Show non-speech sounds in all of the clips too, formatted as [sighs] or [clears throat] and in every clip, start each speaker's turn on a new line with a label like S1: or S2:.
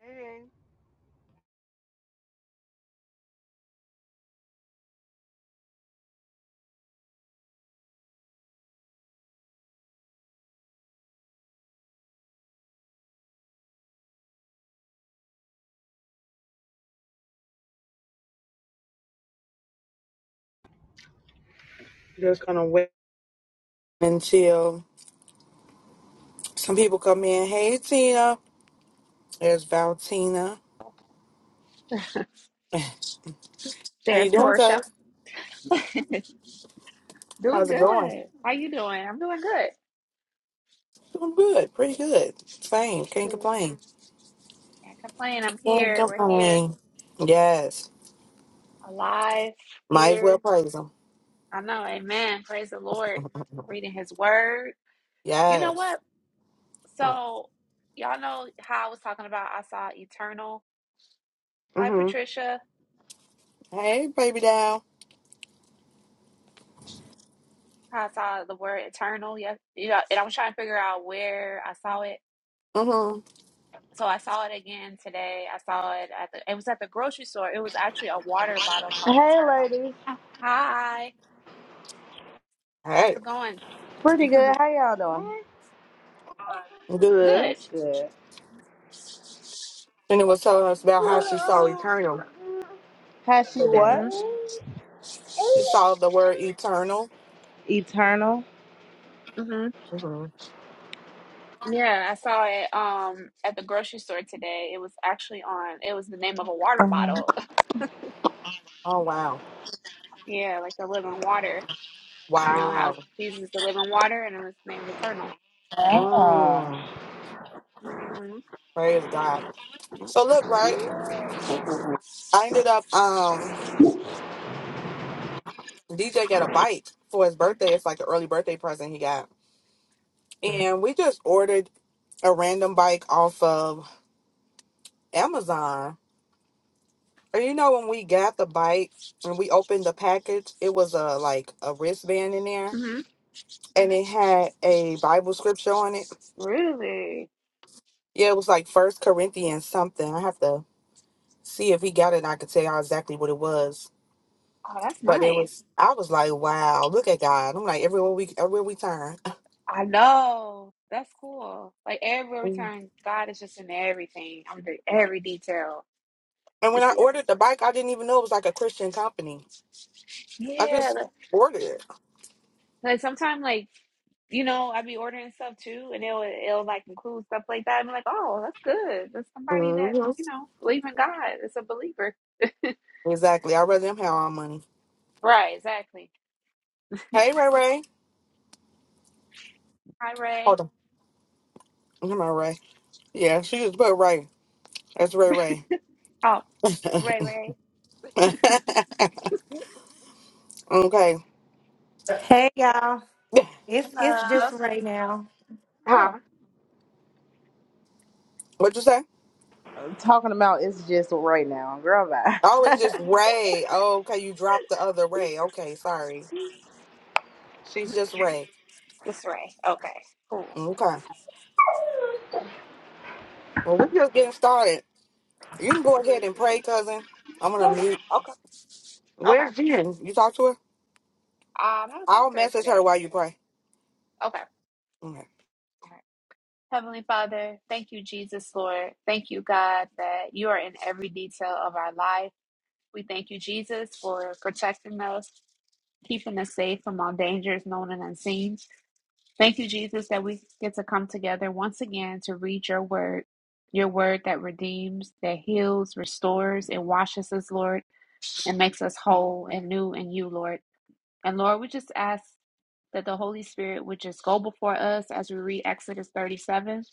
S1: Hey, Just gonna wait until some people come in. Hey Tina. There's Valtina. [laughs] How you
S2: There's
S1: doing,
S2: Portia.
S1: cuz?
S2: Doing
S1: How's it going?
S2: good. How you doing? I'm doing good.
S1: Doing good, pretty good. Same. Can't
S2: Good.
S1: complain.
S2: Can't complain. I'm
S1: Can't
S2: here. We're here.
S1: complain. Yes.
S2: Alive.
S1: Might as well
S2: Here.
S1: praise him.
S2: I know. Amen. Praise the Lord. Reading his word. You know
S1: Yes.
S2: what?
S1: What?
S2: So y'all know how I was talking about I saw eternal. Hi
S1: hmm
S2: Patricia.
S1: Hey, baby doll.
S2: How I saw the word eternal. Yes. You know, and I was trying to figure out where I saw it.
S1: hmm
S2: So I saw it again today. I saw it at the it was at the grocery store. It was actually a water bottle called
S3: Hey,
S2: Eternal.
S3: ladies.
S2: Hi. How's
S1: Hey.
S2: it going?
S3: Pretty
S2: [laughs] hmm
S3: good. How y'all doing?
S1: Good.
S2: Good.
S3: That's good.
S1: And it was telling us about how she saw eternal
S3: Has she
S1: today.
S2: hmm
S3: what?
S1: She saw the word eternal.
S3: Eternal.
S2: hmm
S1: hmm
S2: Yeah, I saw it um at the grocery store today. It was actually on. It was the name of a water
S3: Uh-huh.
S2: bottle. [laughs]
S1: Oh wow.
S2: Yeah, like the living water. You know how
S1: Wow.
S2: Jesus is the living water, and it was named Eternal.
S1: Mm.
S3: Ah.
S2: hmm
S1: Praise God. So look, right? I ended up um DJ got a bike for his birthday. It's like an early birthday present he got. And we just ordered a random bike off of Amazon. And you know when we got the bike and we opened the package, it was a like a wristband in there
S2: hmm
S1: and it had a Bible scripture on it.
S2: Really?
S1: Yeah, it was like first Corinthians something. I have to see if he got it and I could tell y'all exactly what it was.
S2: Oh, that's
S1: But it
S2: nice.
S1: was I was like, Wow, look at God. I'm like everywhere we everywhere we turn.
S2: I know. That's cool. Like everywhere we
S1: Mm.
S2: turn, God is just in everything, under every detail.
S1: And
S2: To
S1: when I
S2: see him.
S1: ordered the bike, I didn't even know it was like a Christian company. I
S2: Yeah.
S1: just
S2: Like
S1: ordered it.
S2: like, sometimes, like you know, I be ordering stuff too, and it'll it'll like include stuff like that. I'm like, oh, that's good. That's somebody that
S1: hmm
S2: you know believe in God. It's a believer,
S1: Exactly. I'd rather them have our money.
S2: right? Exactly.
S1: Hey, Ray Ray.
S2: Hi, Ray.
S1: Hold on. Come on, Ray. Yeah, she just put Ray. That's Ray Ray.
S2: Oh, Ray, Ray.
S1: [laughs] okay.
S4: Hey y'all. It's it's
S2: Hello.
S4: just right now.
S1: Huh?
S2: Oh,
S1: What'd you say?
S3: Talking about it's just right now. Girl,
S1: Oh,
S3: bye.
S1: it's just Ray. Oh, okay. You dropped the other Ray. Okay, sorry. She's just Ray.
S2: [laughs] it's Ray. Okay, cool.
S1: Okay. Well, we're just getting started. You can go
S2: Mhm.
S1: ahead and pray, cousin. I'm going to mute.
S2: Okay, okay.
S1: Where's
S2: Um,
S1: Jen? You talk to her?
S2: I haven't
S1: I'll
S2: talked to her
S1: message
S2: today.
S1: her while you pray.
S2: Okay.
S1: Okay.
S2: All right. Heavenly Father, thank you, Jesus, Lord. Thank you, God, that you are in every detail of our life. We thank you, Jesus, for protecting us. keeping us safe from all dangers known and unseen. Thank you, Jesus, that we get to come together once again to read your word, your word that redeems, that heals, restores, and washes us, Lord, and makes us whole and new in you, Lord. And Lord, we just ask that the Holy Spirit would just go before us as we read Exodus 37.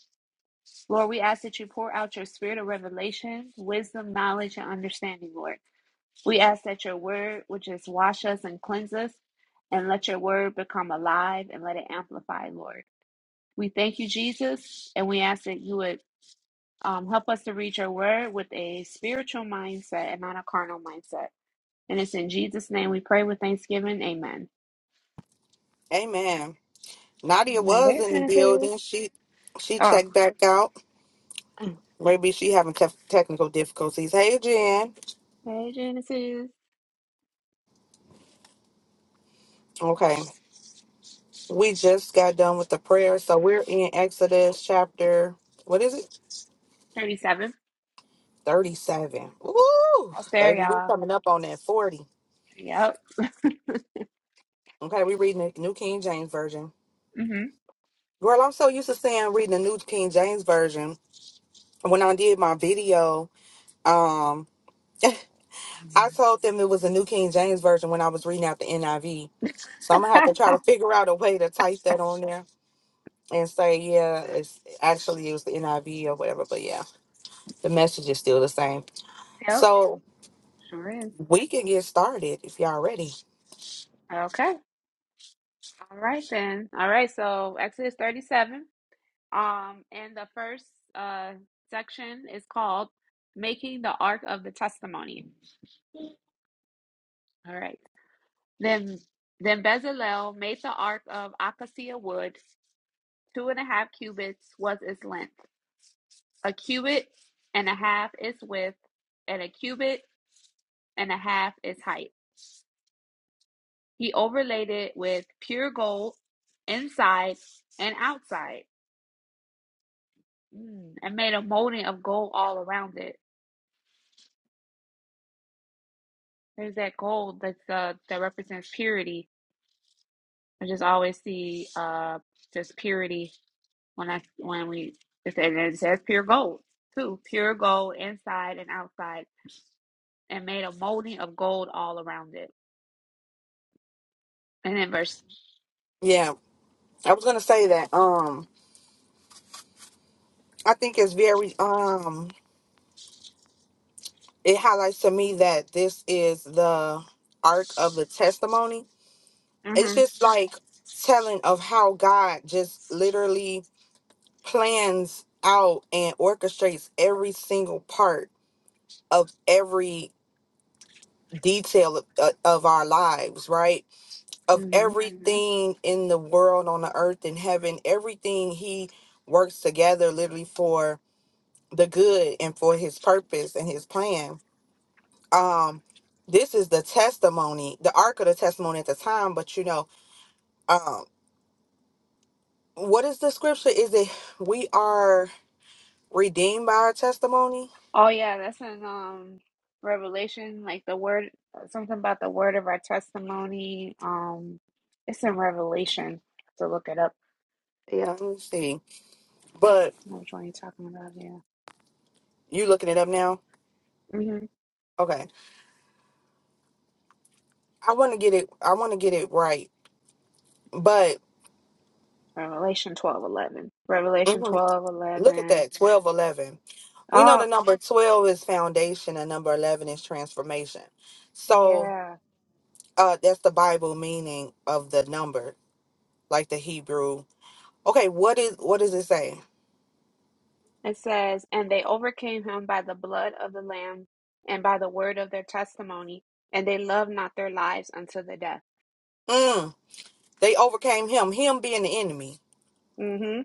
S2: Lord, we ask that you pour out your spirit of revelation, wisdom, knowledge, and understanding, Lord. We ask that your word would just wash us and cleanse us, and let your word become alive and let it amplify, Lord. We thank you, Jesus, and we ask that you would um, help us to read your word with a spiritual mindset and not a carnal mindset. And it's in Jesus' name we pray with thanksgiving. Amen.
S1: Amen. Nadia
S2: Now
S1: was
S2: there's
S1: in the
S2: Genesis.
S1: building. She she
S2: Oh,
S1: checked back out.
S2: [clears throat]
S1: Maybe she having tef- technical difficulties. Hey, Jen.
S2: hey, Genesis
S1: Okay, we just got done with the prayer, so we're in Exodus chapter. What is it?
S2: 37.
S1: Thirty-seven. Woo,
S2: That's there,
S1: baby, we
S2: y'all.
S1: coming up on that forty.
S2: Yep.
S1: Okay, we reading the New King James Version.
S2: hmm
S1: Girl, I'm so used to saying reading the New King James Version. When I did my video, um, I told them it was a New King James version when I was reading out the NIV. So I'm gonna have to try to figure out a way to type that on there and say, yeah, it's actually it was the NIV or whatever. But yeah, the message is still the same.
S2: Yep.
S1: So
S2: Sure is.
S1: we can get started if y'all ready.
S2: Okay. All right, then. All right. So, Exodus 37. Um, and the first uh, section is called "Making the Ark of the Testimony." All right. Then, then Bezalel made the ark of acacia wood. Two and a half cubits was its length. A cubit and a half its width, and a cubit and a half its height. He overlaid it with pure gold inside and outside, Mm, and made a molding of gold all around it. There's that gold that's uh, that represents purity I just always see uh just purity when I when we it says, and it says pure gold too, pure gold inside and outside, and made a molding of gold all around it. And then verse,
S1: Yeah, I was gonna say that. Um, I think it's very um, it highlights to me that this is the arc of the testimony. It's
S2: hmm
S1: just like telling of how God just literally plans out and orchestrates every single part of every detail of, uh, of our lives right of Mhm.
S2: hmm
S1: everything in the world on the earth and heaven everything he works together literally for the good and for his purpose and his plan um this is the testimony the ark of the testimony at the time but you know um what is the scripture is it we are redeemed by our testimony
S2: oh yeah, that's in um Revelation, like the word something about the word of our testimony. Um, it's in Revelation to look it up.
S1: Yeah. let me see but
S2: I don't know Which one you talking about? here?
S1: You looking it up now?
S2: hmm
S1: Okay. I want to get it. I want to get it right. But
S2: Revelation twelve eleven, Revelation
S1: mhm,
S2: twelve
S1: look at
S2: eleven.
S1: that. Twelve eleven. We know the
S2: Oh
S1: number twelve is foundation, and number eleven is transformation. So
S2: yeah.
S1: uh, that's the Bible meaning of the number, like the Hebrew. Okay. What is what does it say?
S2: It says, And they overcame him by the blood of the Lamb and by the word of their testimony, and they loved not their lives unto the death.
S1: Mm, they overcame him. Him being the enemy
S2: Mm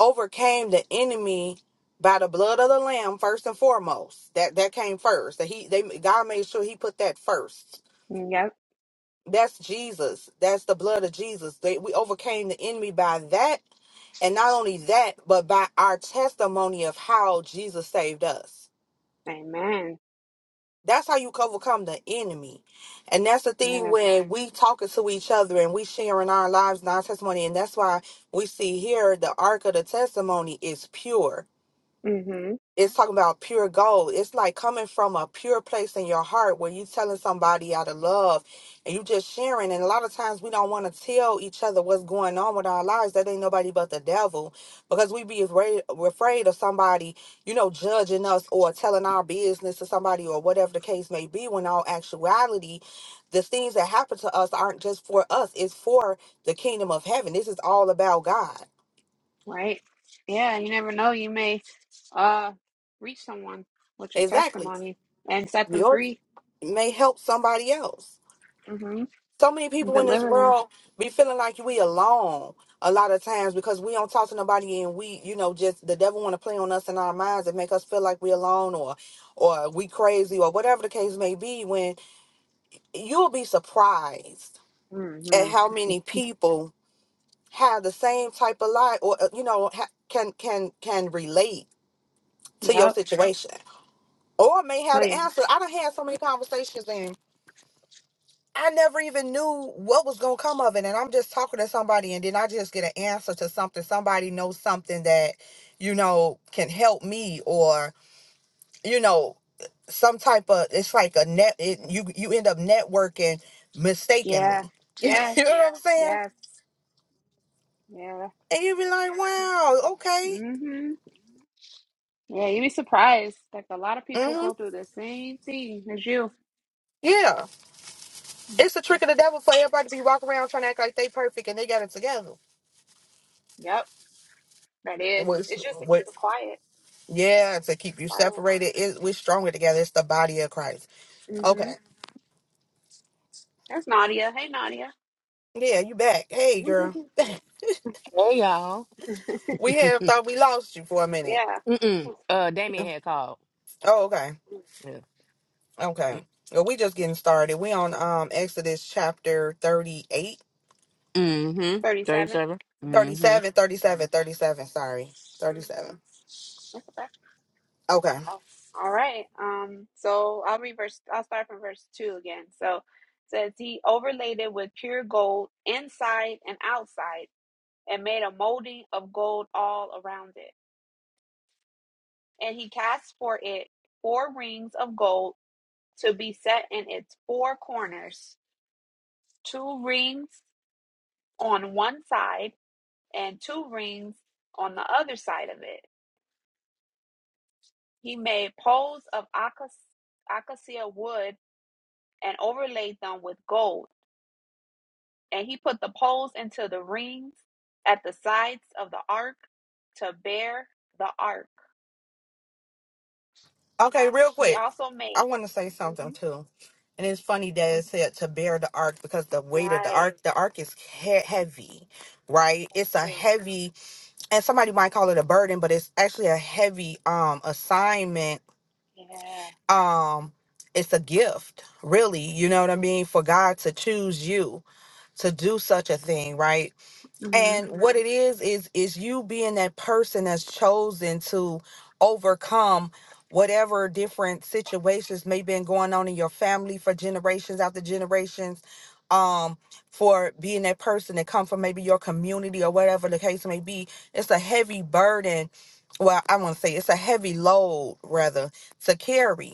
S1: overcame the enemy by the blood of the lamb first and foremost. That that came first. That he they God made sure he put that first
S2: hmm. Yep.
S1: That's Jesus. That's the blood of Jesus. They, we overcame the enemy by that. And not only that, but by our testimony of how Jesus saved us.
S2: Amen.
S1: That's how you overcome the enemy. And that's the thing
S2: Yes.
S1: when we talking to each other and we sharing our lives and our testimony. And that's why we see here the ark of the testimony is pure
S2: Mm hmm.
S1: it's talking about pure gold. It's like coming from a pure place in your heart where you telling somebody out of love and you just sharing. And a lot of times we don't want to tell each other what's going on with our lives. That ain't nobody but the devil because we be afraid, afraid of somebody, you know, judging us or telling our business to somebody or whatever the case may be. When all actuality, the things that happen to us aren't just for us. It's for the kingdom of heaven. This is all about God.
S2: Right. Yeah. You never know. You may uh reach someone with your
S1: Exactly.
S2: testimony and set them
S1: Yours
S2: free.
S1: may help somebody else.
S2: Mm hmm.
S1: so many people in this
S2: Deliver them.
S1: world be feeling like we alone a lot of times because we don't talk to nobody and we you know just the devil want to play on us in our minds and make us feel like we alone or or we crazy or whatever the case may be when you'll be surprised
S2: Mm
S1: at
S2: hmm.
S1: how many people have the same type of life or uh, you know ha- can can can relate to your
S2: Yep.
S1: situation or may
S2: Oh,
S1: have the
S2: yeah.
S1: answer i done had so many conversations I never even knew what was gonna come of it. And I'm just talking to somebody and then I just get an answer to something. Somebody knows something that, you know, can help me or, you know, some type of it's like a net it, you you end up networking
S2: Yeah.
S1: mistakenly. [laughs] you
S2: Yes.
S1: know what I'm saying?
S2: Yes. Yeah.
S1: And you be like, Wow, okay.
S2: Mm hmm. Yeah, you'd be surprised. Like a lot of people
S1: hmm
S2: go through the same thing as you.
S1: Yeah. It's the trick of the devil for everybody to be walking around trying to act like they perfect and they got it together.
S2: Yep, that is.
S1: What's
S2: It's just to
S1: what
S2: keep it quiet,
S1: yeah, to keep you
S2: silent.
S1: separated. It, we're stronger together. It's the body of Christ.
S2: hmm
S1: Okay.
S2: That's Nadia. Hey, Nadia.
S1: Yeah, you back. Hey,
S2: [laughs]
S1: girl.
S5: Hey y'all.
S1: [laughs] we have thought we lost you for a minute.
S2: yeah.
S5: Mm-mm. Uh, Damien had called.
S1: Oh, okay.
S5: Yeah.
S1: Okay. Well, we just getting started. We on um Exodus chapter 38,
S5: Mm-hmm.
S2: 37.
S5: Thirty-seven. Mm-hmm.
S1: 37, thirty-seven, thirty-seven, sorry.
S2: Mhm.
S1: 37.
S2: Look at that.
S1: Okay.
S2: Wow. All right. Um, so I'll read verse I'll start from verse two again. So it says he overlaid it with pure gold inside and outside and made a molding of gold all around it. And he cast for it four rings of gold to be set in its four corners, two rings on one side and two rings on the other side of it. He made poles of acacia wood and overlaid them with gold. And he put the poles into the rings at the sides of the ark to bear the ark.
S1: Okay, real
S2: He
S1: quick.
S2: also
S1: I
S2: made.
S1: want to say something
S2: Mhm,
S1: too. And it's funny that
S2: mhm.
S1: it said to bear the ark because the weight of the
S2: Right.
S1: ark, the ark is he- heavy, right?
S2: That's
S1: It's a
S2: true.
S1: heavy, and somebody might call it a burden, but it's actually a heavy um assignment
S2: Yeah.
S1: um it's a gift really you know what i mean for god to choose you to do such a thing right and
S2: hmm
S1: what it is is is you being that person that's chosen to overcome whatever different situations may been going on in your family for generations after generations um for being that person that come from maybe your community or whatever the case may be it's a heavy burden well i want to say it's a heavy load rather to carry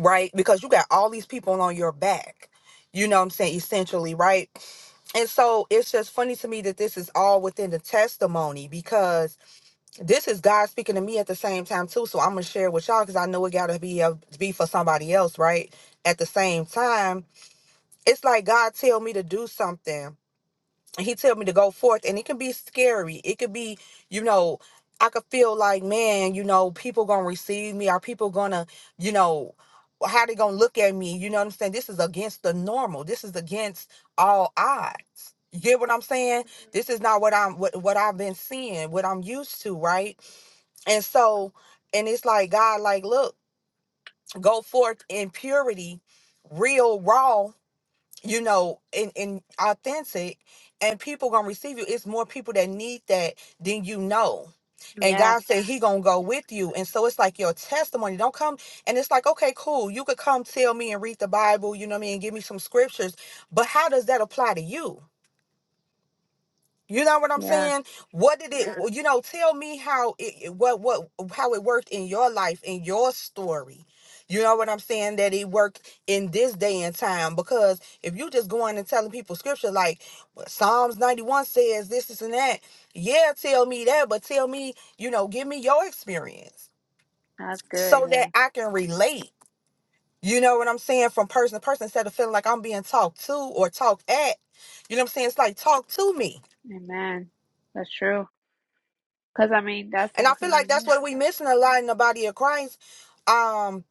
S1: right? Because you got all these people on your back. You know what I'm saying? Essentially, right? And so it's just funny to me that this is all within the testimony because this is God speaking to me at the same time too. So I'm gonna share with y'all because I know it gotta be a, be for somebody else, right? At the same time, it's like God tell me to do something he tell me to go forth and it can be scary it could be you know i could feel like man you know people gonna receive me are people gonna you know how they gonna look at me you know what i'm saying this is against the normal this is against all odds you get what i'm saying this is not what i'm what, what i've been seeing what i'm used to right and so, and it's like, God, like, look, go forth in purity, real, raw you know, and, and authentic, and people gonna receive you. It's more people that need that than you know. And
S2: Yeah,
S1: God said He gonna go with you. And so it's like your testimony. Don't come and it's like, okay, cool. You could come tell me and read the Bible, you know what I mean, and give me some scriptures. But how does that apply to you? You know what I'm
S2: yeah,
S1: saying? What did it? Yeah. You know, tell me how it what what how it worked in your life in your story. You know what I'm saying? That it worked in this day and time because if you just going and telling people scripture like well, Psalms 91 says this, this and that, yeah, tell me that, but tell me, you know, give me your experience
S2: that's good.
S1: so
S2: Yeah,
S1: that I can relate. You know what I'm saying? From person to person instead of feeling like I'm being talked to or talked at. You know what I'm saying? It's like talk to me
S2: amen. That's true. Because I mean, that's
S1: And I feel like that's
S2: happening,
S1: what we missing a lot in the body of Christ. Um,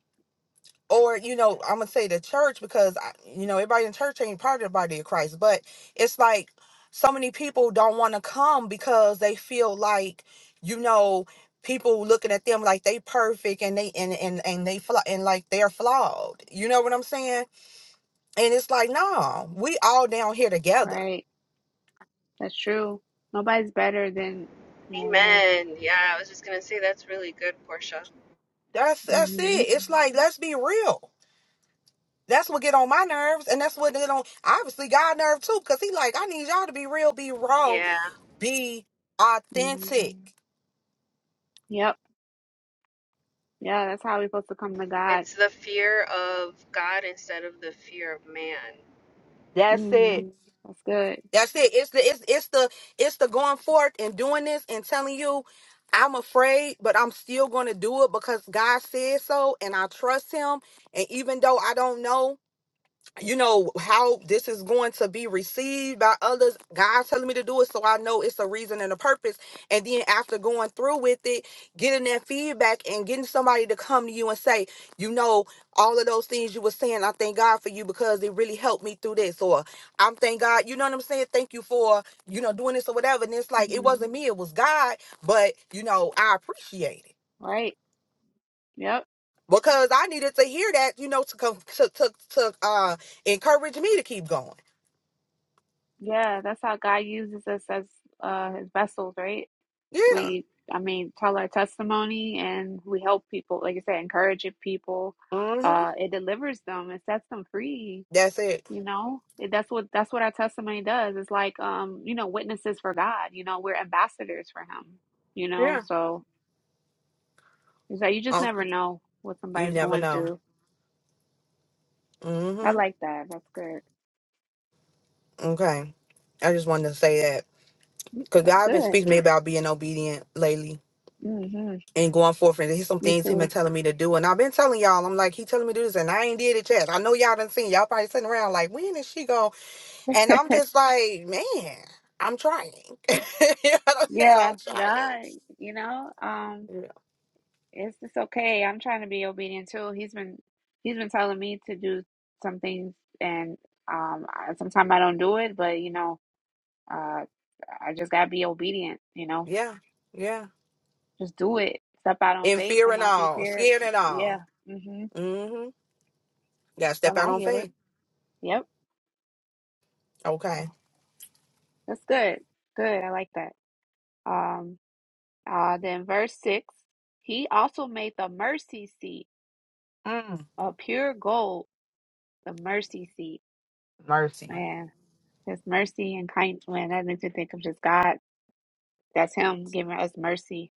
S1: or you know, I'm gonna say the church because I- you know everybody in church ain't part of the body of Christ, but it's like so many people don't want to come because they feel like you know people looking at them like they perfect and they and and and they flaw and like they're flawed. You know what I'm saying? And it's like, no, we all down here together.
S2: right? That's true. Nobody's better than someone else.
S6: Amen. Yeah, I was just going to say that's really good, Portia.
S1: That's that's it.
S2: hmm
S1: It's like let's be real. That's what get on my nerves, and that's what get on obviously God nerve too, because he like, I need y'all to be real, be raw,
S6: Yeah,
S1: be
S2: hmm
S1: authentic.
S2: Yep. Yeah, that's how we're supposed to come to God.
S6: it's the fear of God instead of the fear of man.
S1: That's it.
S2: hmm That's good.
S1: That's it. It's the it's it's the it's the going forth and doing this and telling you I'm afraid, but I'm still gonna do it because God said so and I trust him. And even though I don't know you know how this is going to be received by others god's telling me to do it so i know it's a reason and a purpose and then after going through with it getting that feedback and getting somebody to come to you and say you know all of those things you were saying i thank god for you because it really helped me through this or i'm thank god you know what i'm saying thank you for you know doing this or whatever and it's like it
S2: hmm
S1: wasn't me it was god but you know i appreciate it
S2: Right. Yep.
S1: because i needed to hear that you know to come to, to, to uh encourage me to keep going
S2: Yeah, that's how God uses us as uh, His vessels, right?
S1: Yeah.
S2: We, I mean, tell our testimony and we help people, like you said, encouraging people.
S1: Mm-hmm.
S2: Uh, it delivers them, it sets them free
S1: That's it.
S2: You know, It- that's what that's what our testimony does. It's like um, you know, witnesses for God, you know, we're ambassadors for him, you know.
S1: Yeah.
S2: So it's like you just
S1: Oh,
S2: never know what
S1: you
S2: somebody's
S1: never
S2: going
S1: know.
S2: through. I
S1: Mm-hmm.
S2: like that. That's good.
S1: Okay. I just wanted to say that.
S2: Mm,
S1: Because
S2: That's
S1: God been
S2: good.
S1: speaking to me about being obedient lately
S2: hmm
S1: and going forth. And there's some
S2: Me
S1: things he been
S2: too.
S1: telling me to do. And I've been telling y'all, I'm like, he telling me to do this. And I ain't did it yet. I know y'all done seen. Y'all probably sitting around like, when is she going? And
S2: [laughs]
S1: I'm just like, man, I'm trying. [laughs] you know what I'm saying? I'm
S2: Yeah,
S1: trying.
S2: that, you know, um,
S1: Yeah.
S2: it's it's okay. I'm trying to be obedient too. He's been he's been telling me to do some things and um sometimes I sometime I don't do it, but you know, uh I just gotta be obedient, you know,
S1: Yeah. Yeah.
S2: Just do it. Step out on
S1: In
S2: faith
S1: fear
S2: and
S1: and
S2: not be
S1: all.
S2: feared.
S1: Scared and all.
S2: Yeah. hmm
S1: Mm-hmm. Got to
S2: So
S1: step out
S2: now I
S1: on
S2: get it.
S1: faith.
S2: Yep.
S1: Okay.
S2: That's good. Good. I like that. Um, uh, then verse six, he also made the mercy seat
S1: Mm,
S2: of pure gold, the mercy seat.
S1: mercy.
S2: Man, his mercy and kindness, man, that makes me think of just God. That's him giving us mercy,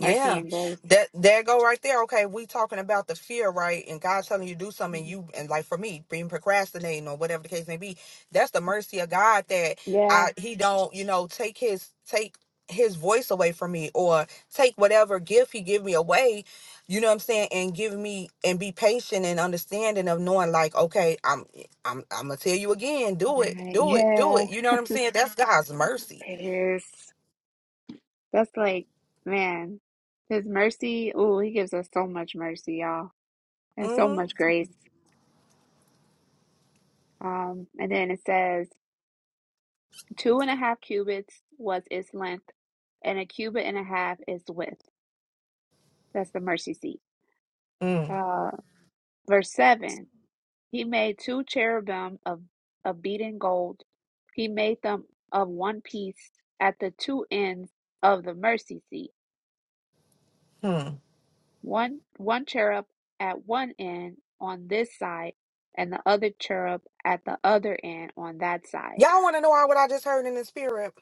S2: mercy
S1: Yeah.
S2: and grace.
S1: That there go right there. Okay, we talking about the fear, right? And God telling you to do something and
S2: Mhm.
S1: you and like for me, being procrastinating or whatever the case may be, that's the mercy of God that
S2: Yeah,
S1: I he don't, you know, take his take his voice away from me or take whatever gift he give me away, you know what I'm saying, and give me and be patient and understanding of knowing like, okay, I'm I'm I'm gonna tell you again, do it,
S2: right.
S1: do it, do
S2: Yeah,
S1: it. You know what I'm saying? That's God's mercy.
S2: it is. That's like, man, his mercy. Ooh, he gives us so much mercy, y'all, and so
S1: Mm-hmm.
S2: much grace. Um, and then it says, two and a half cubits was its length, and a cubit and a half its width. That's the mercy seat. Uh, verse seven. He made two cherubim of of beaten gold. He made them of one piece at the two ends of the mercy seat
S1: Hmm.
S2: one one cherub at one end on this side, and the other cherub at the other end on that side.
S1: Y'all want to know why what I just heard in the spirit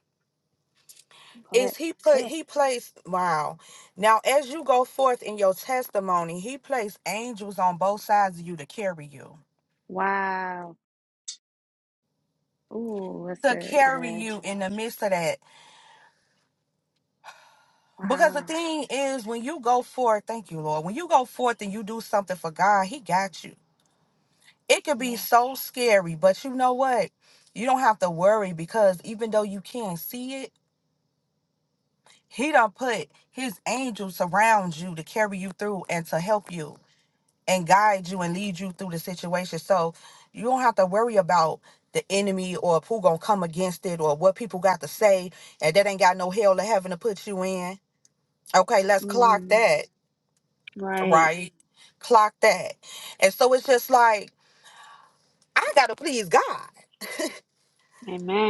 S2: But
S1: is he put
S2: Sure.
S1: he placed wow. Now as you go forth in your testimony, he placed angels on both sides of you to carry you.
S2: wow, ooh, that's
S1: To
S2: good,
S1: carry
S2: Yvette.
S1: you in the midst of that. Because the
S2: Wow,
S1: thing is when you go forth, thank you Lord. When you go forth and you do something for God, he got you. It could be
S2: yeah,
S1: so scary, but you know what? You don't have to worry because even though you can't see it, he done put his angels around you to carry you through and to help you. and guide you and lead you through the situation. So you don't have to worry about the enemy or who gonna come against it or what people got to say and that ain't got no hell to heaven to put you in. Okay, let's clock
S2: mm,
S1: that,
S2: right,
S1: right? Clock that. And so it's just like I gotta please God.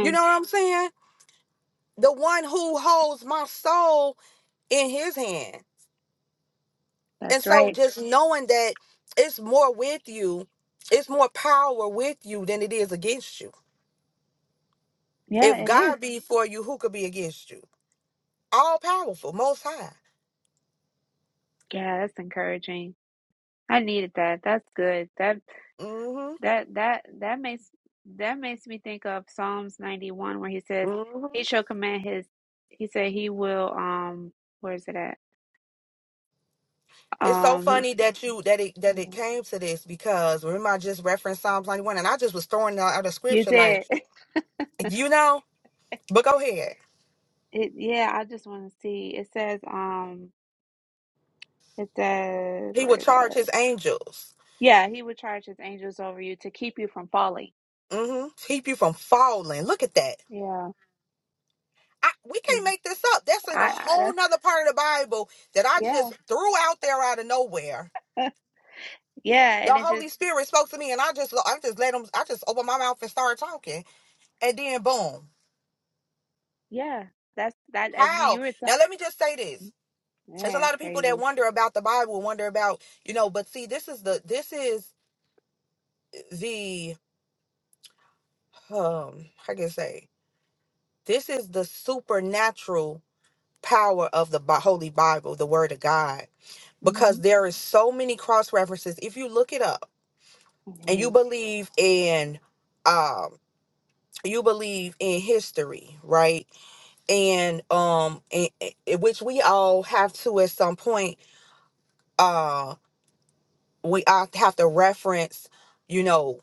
S1: You know what I'm saying? The one who holds my soul in his hand. And
S2: That's
S1: so
S2: right.
S1: just knowing that it's more with you, it's more power with you than it is against you
S2: Yeah,
S1: If
S2: it is.
S1: God be for you, who could be against you? All powerful, most high.
S2: Yeah, that's encouraging. I needed that. That's good. That.
S1: hmm
S2: That that that makes that makes me think of Psalms 91 where he says
S1: hmm
S2: he shall command his he said he will um where is it at?
S1: It's so
S2: Um he's
S1: funny that you that it that it came to this because remember I just referenced Psalms 91 and I just was throwing out, out a
S2: you
S1: scripture like,
S2: did. [laughs]
S1: you know, but go ahead.
S2: It, yeah, I just want to see. It says um it says
S1: He
S2: where
S1: would
S2: it
S1: charge
S2: is.
S1: his angels.
S2: Yeah, he would charge his angels over you to keep you from falling.
S1: mm hmm Keep you from falling. Look at that.
S2: Yeah.
S1: I, we can't
S2: Yeah.
S1: make this up. That's in a
S2: I, I
S1: whole
S2: that's
S1: nother part of the Bible that I
S2: yeah.
S1: just threw out there out of nowhere.
S2: Yeah,
S1: The
S2: and it
S1: Holy
S2: just
S1: Spirit spoke to me and I just I just let him I just opened my mouth and started talking and then boom.
S2: yeah, that's that I knew
S1: How?
S2: you were
S1: Now
S2: talking.
S1: let me just say this. There's a
S2: Yeah,
S1: lot
S2: it's
S1: of people that
S2: crazy.
S1: wonder about the Bible, wonder about, you know, but see, this is the this is the um I can say this is the supernatural power of the Bi- Holy Bible, the Word of God, because
S2: Mhm.
S1: there is so many cross references. If you look it up
S2: It
S1: and you
S2: is.
S1: believe in um you believe in history, right? And um in, in- which we all have to at some point um, we I have to reference, you know,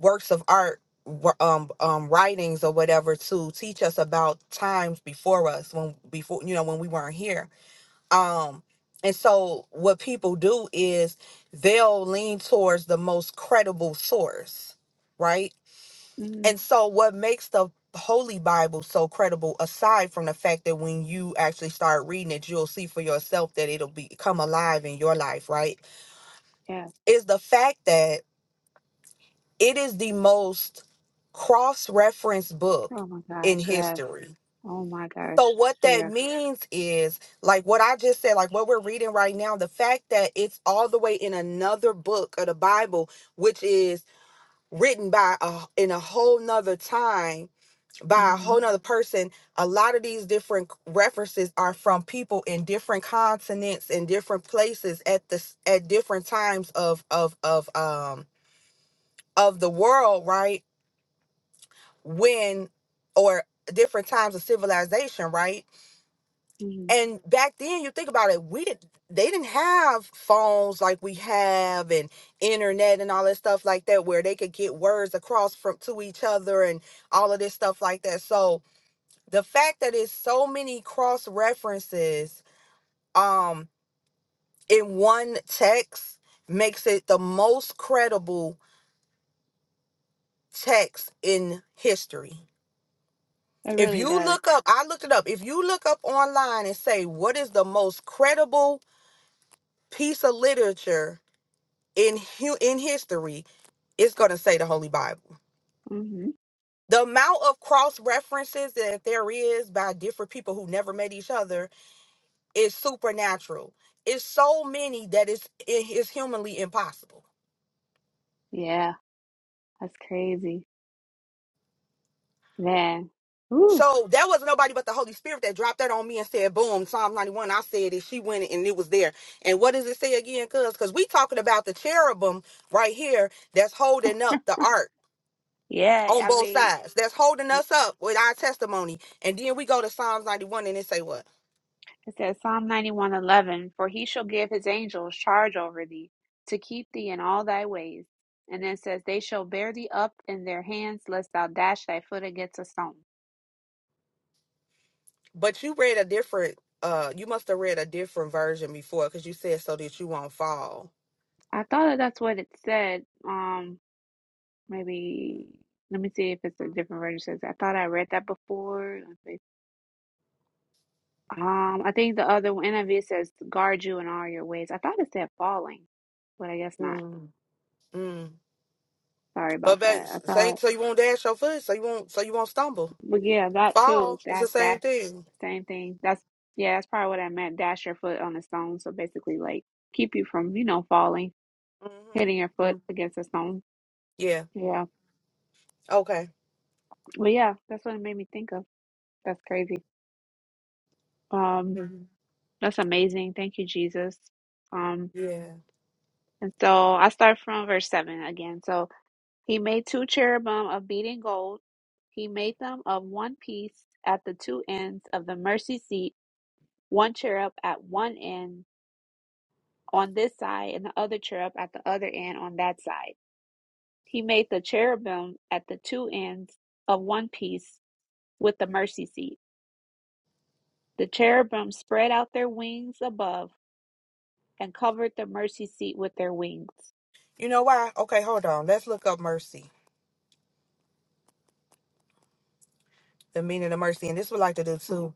S1: works of art, wo- um, um, writings or whatever to teach us about times before us when before you know when we weren't here. Um, and so what people do is they'll lean towards the most credible source, right?
S2: Mhm.
S1: And so what makes the Holy Bible so credible aside from the fact that when you actually start reading it you'll see for yourself that it'll be come alive in your life, right?
S2: Yes.
S1: Is the fact that It is the most cross-referenced book
S2: Oh my
S1: in
S2: gosh. Yes.
S1: history.
S2: Oh my gosh.
S1: So what that
S2: Yeah.
S1: means is like what I just said, like what we're reading right now, the fact that it's all the way in another book of the Bible, which is written by a in a whole nother time by a
S2: Mm-hmm.
S1: whole nother person. A lot of these different references are from people in different continents and different places at this at different times of of of um of the world, right? when or different times of civilization, right?
S2: hmm
S1: And back then, you think about it, we didn't they didn't have phones like we have and internet and all that stuff like that where they could get words across from to each other and all of this stuff like that. So the fact that it's so many cross references um in one text makes it the most credible text in history.
S2: It
S1: If
S2: really
S1: you
S2: does.
S1: look up, I looked it up. If you look up online and say what is the most credible piece of literature in hu- in history, it's going to say the Holy Bible.
S2: hmm
S1: The amount of cross references that there is by different people who never met each other is supernatural. It's so many that it's it is humanly impossible.
S2: Yeah. That's crazy. Man. Ooh.
S1: So that wasn't nobody but the Holy Spirit that dropped that on me and said, boom, Psalm 91. I said it. She went and it was there. And what does it say again, cuz? Because we talking about the cherubim right here that's holding up the ark
S2: Yeah.
S1: on
S2: I
S1: both
S2: mean,
S1: sides. That's holding
S2: y-
S1: us up with our testimony. And then we go to Psalms 91 and it say what?
S2: it says Psalm 91:11, for he shall give his angels charge over thee to keep thee in all thy ways. And then it says, they shall bear thee up in their hands, lest thou dash thy foot against a stone.
S1: But you read a different uh you must have read a different version before because you said so that you won't fall.
S2: I thought that's what it said. Um, Maybe let me see if it's a different version. It Says I thought I read that before. Let's see. Um, I think the other one NIV says guard you in all your ways. I thought it said falling, but I guess not.
S1: Mm. Mm.
S2: Sorry about
S1: But that
S2: that. I
S1: say
S2: thought,
S1: so you won't dash your foot, so you won't so you won't stumble.
S2: but yeah, that
S1: Fall.
S2: too.
S1: It's the
S2: That that
S1: same thing.
S2: same thing. That's yeah, that's probably what I meant. Dash your foot on a stone. So basically, like keep you from you know falling,
S1: Mm-hmm.
S2: hitting your
S1: Mm-hmm.
S2: foot against a stone.
S1: Yeah.
S2: Yeah,
S1: Okay.
S2: but yeah, that's what it made me think of. That's crazy. Um,
S1: hmm
S2: that's amazing. Thank you, Jesus. Um.
S1: Yeah.
S2: And so I start from verse 7 again. So he made two cherubim of beaten gold. He made them of one piece at the two ends of the mercy seat, one cherub at one end on this side, and the other cherub at the other end on that side. He made the cherubim at the two ends of one piece with the mercy seat. The cherubim spread out their wings above and covered the mercy seat with their wings.
S1: You know why? Okay, hold on. Let's look up mercy, the meaning of mercy, and this would like to do
S2: hmm
S1: too.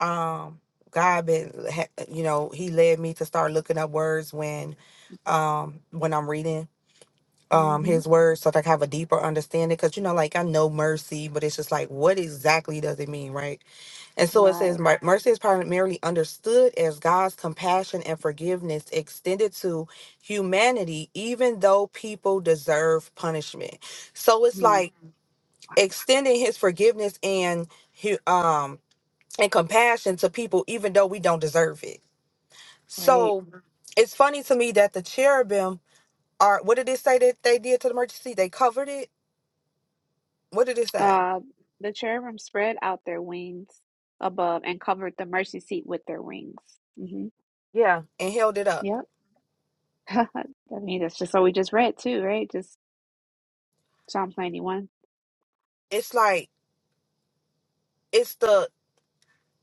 S1: Um, God been, ha- you know, He led me to start looking up words when, um, when I'm reading um His words, so that I have a deeper understanding. Because you know, like I know mercy, but it's just like, what exactly does it mean, right? And so it says,
S2: Right.
S1: "Mer- mercy is primarily understood as God's compassion and forgiveness extended to humanity, even though people deserve punishment. So it's
S2: Hmm.
S1: like extending his forgiveness and hu- um and compassion to people, even though we don't deserve it.
S2: Right.
S1: So it's funny to me that the cherubim are. What did it say that they did to the mercy seat? They covered it. What did it say?
S2: Uh, the cherubim spread out their wings above and covered the mercy seat with their wings. hmm
S1: Yeah, and held it up.
S2: Yep. [laughs] I mean, that's just what we just read too, right? Just Psalms 91.
S1: It's like it's the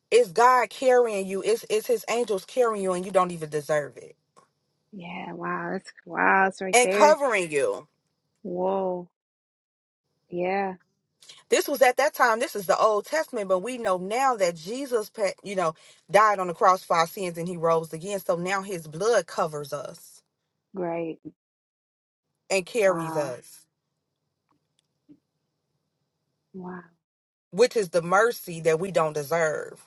S1: It's God carrying you. It's it's his angels carrying you and you don't even deserve it.
S2: Yeah, wow. That's wow. It's right
S1: And
S2: there.
S1: covering you.
S2: Whoa. Yeah.
S1: This was at that time, this is the Old Testament, but we know now that Jesus, pa- you know, died on the cross for our sins and he rose again. So now his blood covers us
S2: Great.
S1: and carries
S2: Wow.
S1: us,
S2: Wow.
S1: which is the mercy that we don't deserve.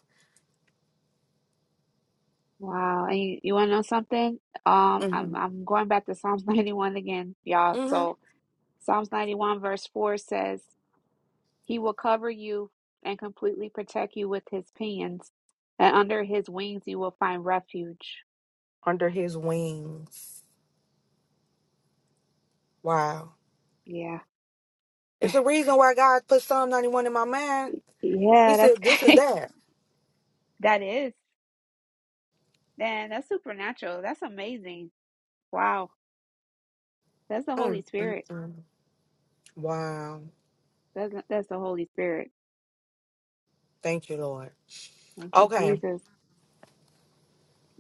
S2: Wow. And you, you want to know something? Um,
S1: hmm
S2: I'm, I'm going back to Psalms [laughs] 91 again, y'all.
S1: hmm
S2: So Psalms 91 verse 4 says, He will cover you and completely protect you with his pinions, and under his wings you will find refuge.
S1: Under his wings. Wow.
S2: Yeah.
S1: It's the reason why God put Psalm 91 in my mind. He
S2: Yeah, that's
S1: said, This is
S2: great. [laughs]
S1: that.
S2: That is. Man, that's supernatural. That's amazing. Wow. That's the Holy
S1: Mm, mm,
S2: Spirit.
S1: mm. Wow.
S2: That's that's the Holy Spirit.
S1: Thank you, Lord.
S2: Thank you,
S1: Okay.
S2: Jesus.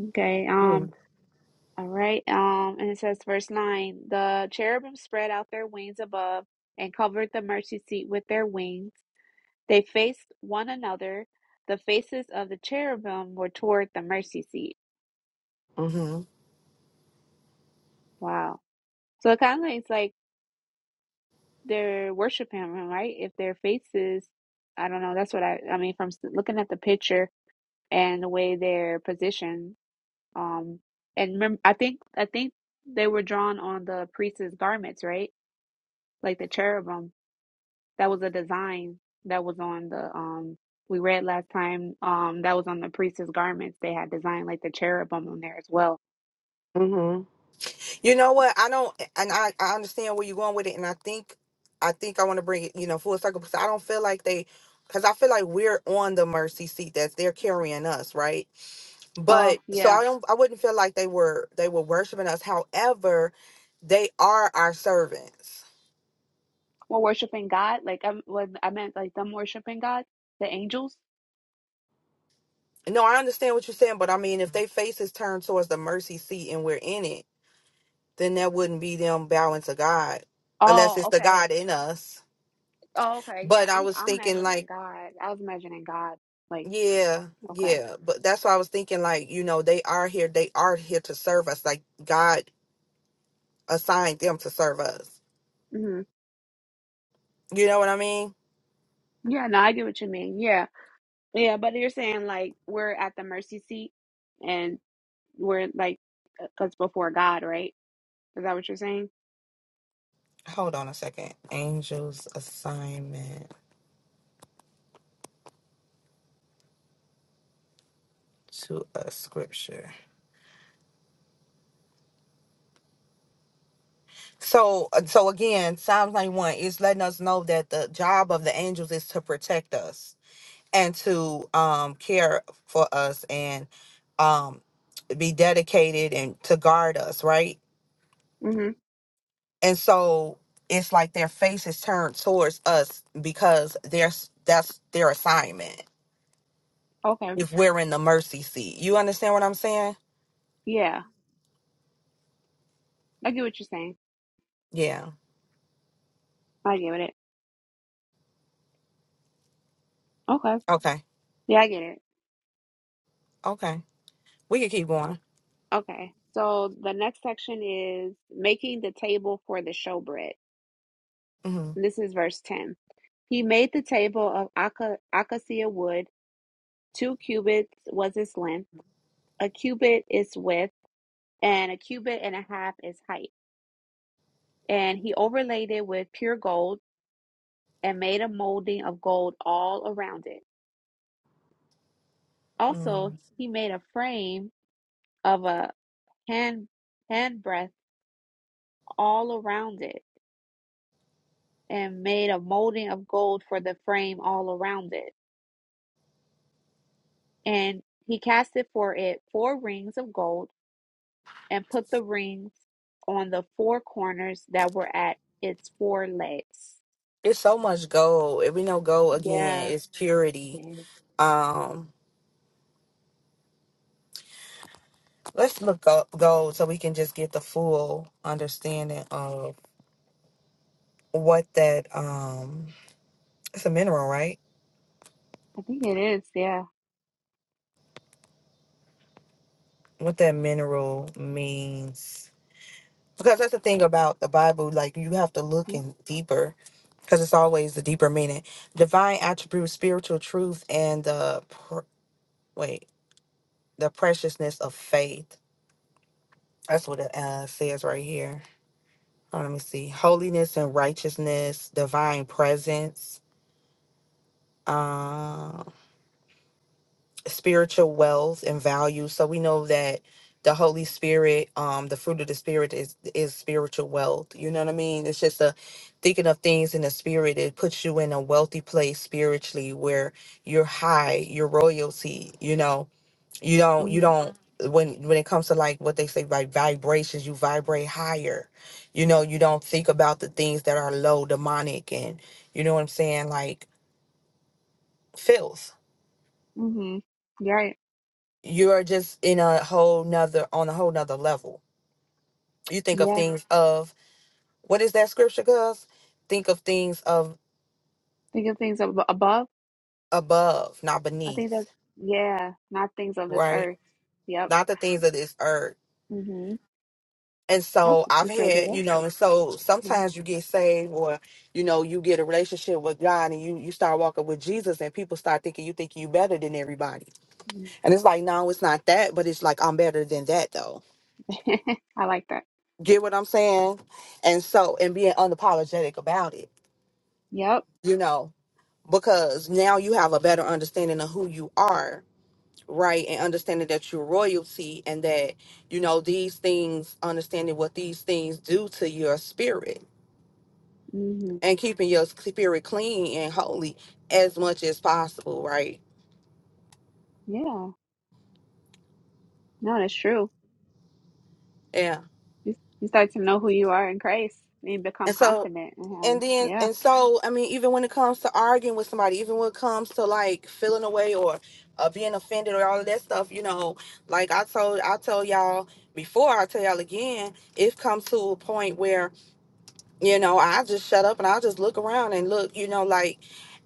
S2: Okay. Um,
S1: Mm.
S2: all right. Um, and it says verse nine, the cherubim spread out their wings above and covered the mercy seat with their wings. They faced one another. The faces of the cherubim were toward the mercy seat.
S1: Mhm.
S2: Wow. So it kind of it's like they're worshiping him, right? If their faces, I don't know. That's what I, I mean, from s- looking at the picture and the way they're positioned. Um, and remember, I think, I think they were drawn on the priest's garments, right? Like the cherubim. That was a design that was on the, um, we read last time, um, that was on the priest's garments. They had designed like the cherubim on there as well
S1: Mhm. You know what? I don't, and I, I understand where you're going with it, and I think, I think I want to bring it, you know, full circle because I don't feel like they, because I feel like we're on the mercy seat that they're carrying us, right?
S2: Oh,
S1: But so
S2: yeah.
S1: I don't, I wouldn't feel like they were, they were worshiping us. However, they are our servants.
S2: Well, worshiping God, like I'm, what I meant, like them worshiping God, the angels.
S1: No, I understand what you're saying, but I mean, if they face is turned towards the mercy seat and we're in it, then that wouldn't be them bowing to God, unless
S2: Oh,
S1: it's the
S2: okay.
S1: God in us.
S2: Oh, okay. Yeah,
S1: But I
S2: I'm,
S1: was
S2: I'm
S1: thinking
S2: imagining
S1: like,
S2: God. I was imagining God. Like,
S1: yeah,
S2: okay.
S1: yeah. But that's why I was thinking like, you know, they are here. They are here to serve us. Like God assigned them to serve us.
S2: hmm
S1: You know what I mean?
S2: Yeah, no, I get what you mean. Yeah, yeah. But you're saying like we're at the mercy seat, and we're like, that's before God, right? Is that what you're saying?
S1: Hold on a second. Angels assignment to a scripture. So, uh, so again, Psalms 91 is letting us know that the job of the angels is to protect us and to um care for us and um be dedicated and to guard us, right?
S2: hmm
S1: and so it's like their face is turned towards us because there's that's their assignment
S2: Okay.
S1: if we're in the mercy seat you understand what i'm saying
S2: Yeah, I get what you're saying.
S1: yeah
S2: I get it. Okay.
S1: okay
S2: Yeah, I get it.
S1: okay we can keep going
S2: Okay, so the next section is making the table for the showbread.
S1: hmm
S2: This is verse 10. He made the table of aca- acacia wood. Two cubits was its length, a cubit its width, and a cubit and a half its height. And he overlaid it with pure gold and made a molding of gold all around it.
S1: mm
S2: Also, he made a frame of a hand handbreadth all around it and made a molding of gold for the frame all around it. And he casted for it four rings of gold and put the rings on the four corners that were at its four legs.
S1: it's so much gold if we know gold again
S2: Yeah,
S1: is
S2: it
S1: purity
S2: is.
S1: um let's look up gold so we can just get the full understanding of what that um it's a mineral right
S2: I think it is. Yeah.
S1: what that mineral means because that's the thing about the bible like you have to look
S2: Yep.
S1: in deeper because it's always the deeper meaning divine attributes spiritual truth and the pr- wait the preciousness of faith that's what it uh, says right here Hold on, let me see holiness and righteousness divine presence Um, spiritual wells and values. So we know that the Holy Spirit, um, the fruit of the Spirit is is spiritual wealth. You know what I mean? It's just a thinking of things in the spirit. It puts you in a wealthy place spiritually where you're high, you're royalty. You know, you don't you
S2: Mhm.
S1: don't when when it comes to like what they say like vibrations, you vibrate higher. You know, you don't think about the things that are low, demonic, and you know what I'm saying, like filth
S2: Mhm. You're Right.
S1: you are just in a whole nother on a whole nother level. You think of
S2: Yeah.
S1: things of what is that scripture, Cuz? Think of things of
S2: Think of things ab- above.
S1: above, not
S2: I think that's
S1: beneath,
S2: yeah, not things of this
S1: right?
S2: earth. Yep.
S1: Not the things of this earth.
S2: Mhm.
S1: And
S2: Yep.
S1: so I've
S2: You sure did
S1: had, you know, and so
S2: it.
S1: sometimes you get saved or, you know, you get a relationship with God and you you start walking with Jesus and people start thinking you think you better than everybody.
S2: Mhm.
S1: And it's like, no, it's not that, but it's like I'm better than that though.
S2: [laughs] I like that.
S1: Get what I'm saying? And so and being unapologetic about it,
S2: Yep.
S1: you know. because now you have a better understanding of who you are right and understanding that you're royalty and that you know these things understanding what these things do to your spirit
S2: Mhm.
S1: and keeping your spirit clean and holy as much as possible right
S2: Yeah. No, that's true.
S1: yeah
S2: You, you start to know who you are in Christ and you become
S1: And so,
S2: confident in
S1: and
S2: Him.
S1: then,
S2: Yeah,
S1: and so, I mean, even when it comes to arguing with somebody, even when it comes to like feeling away or uh, being offended or all of that stuff, you know, like I told, I told y'all before, I tell y'all again, it comes to a point where, you know, I just shut up and I'll just look around and look, you know, like,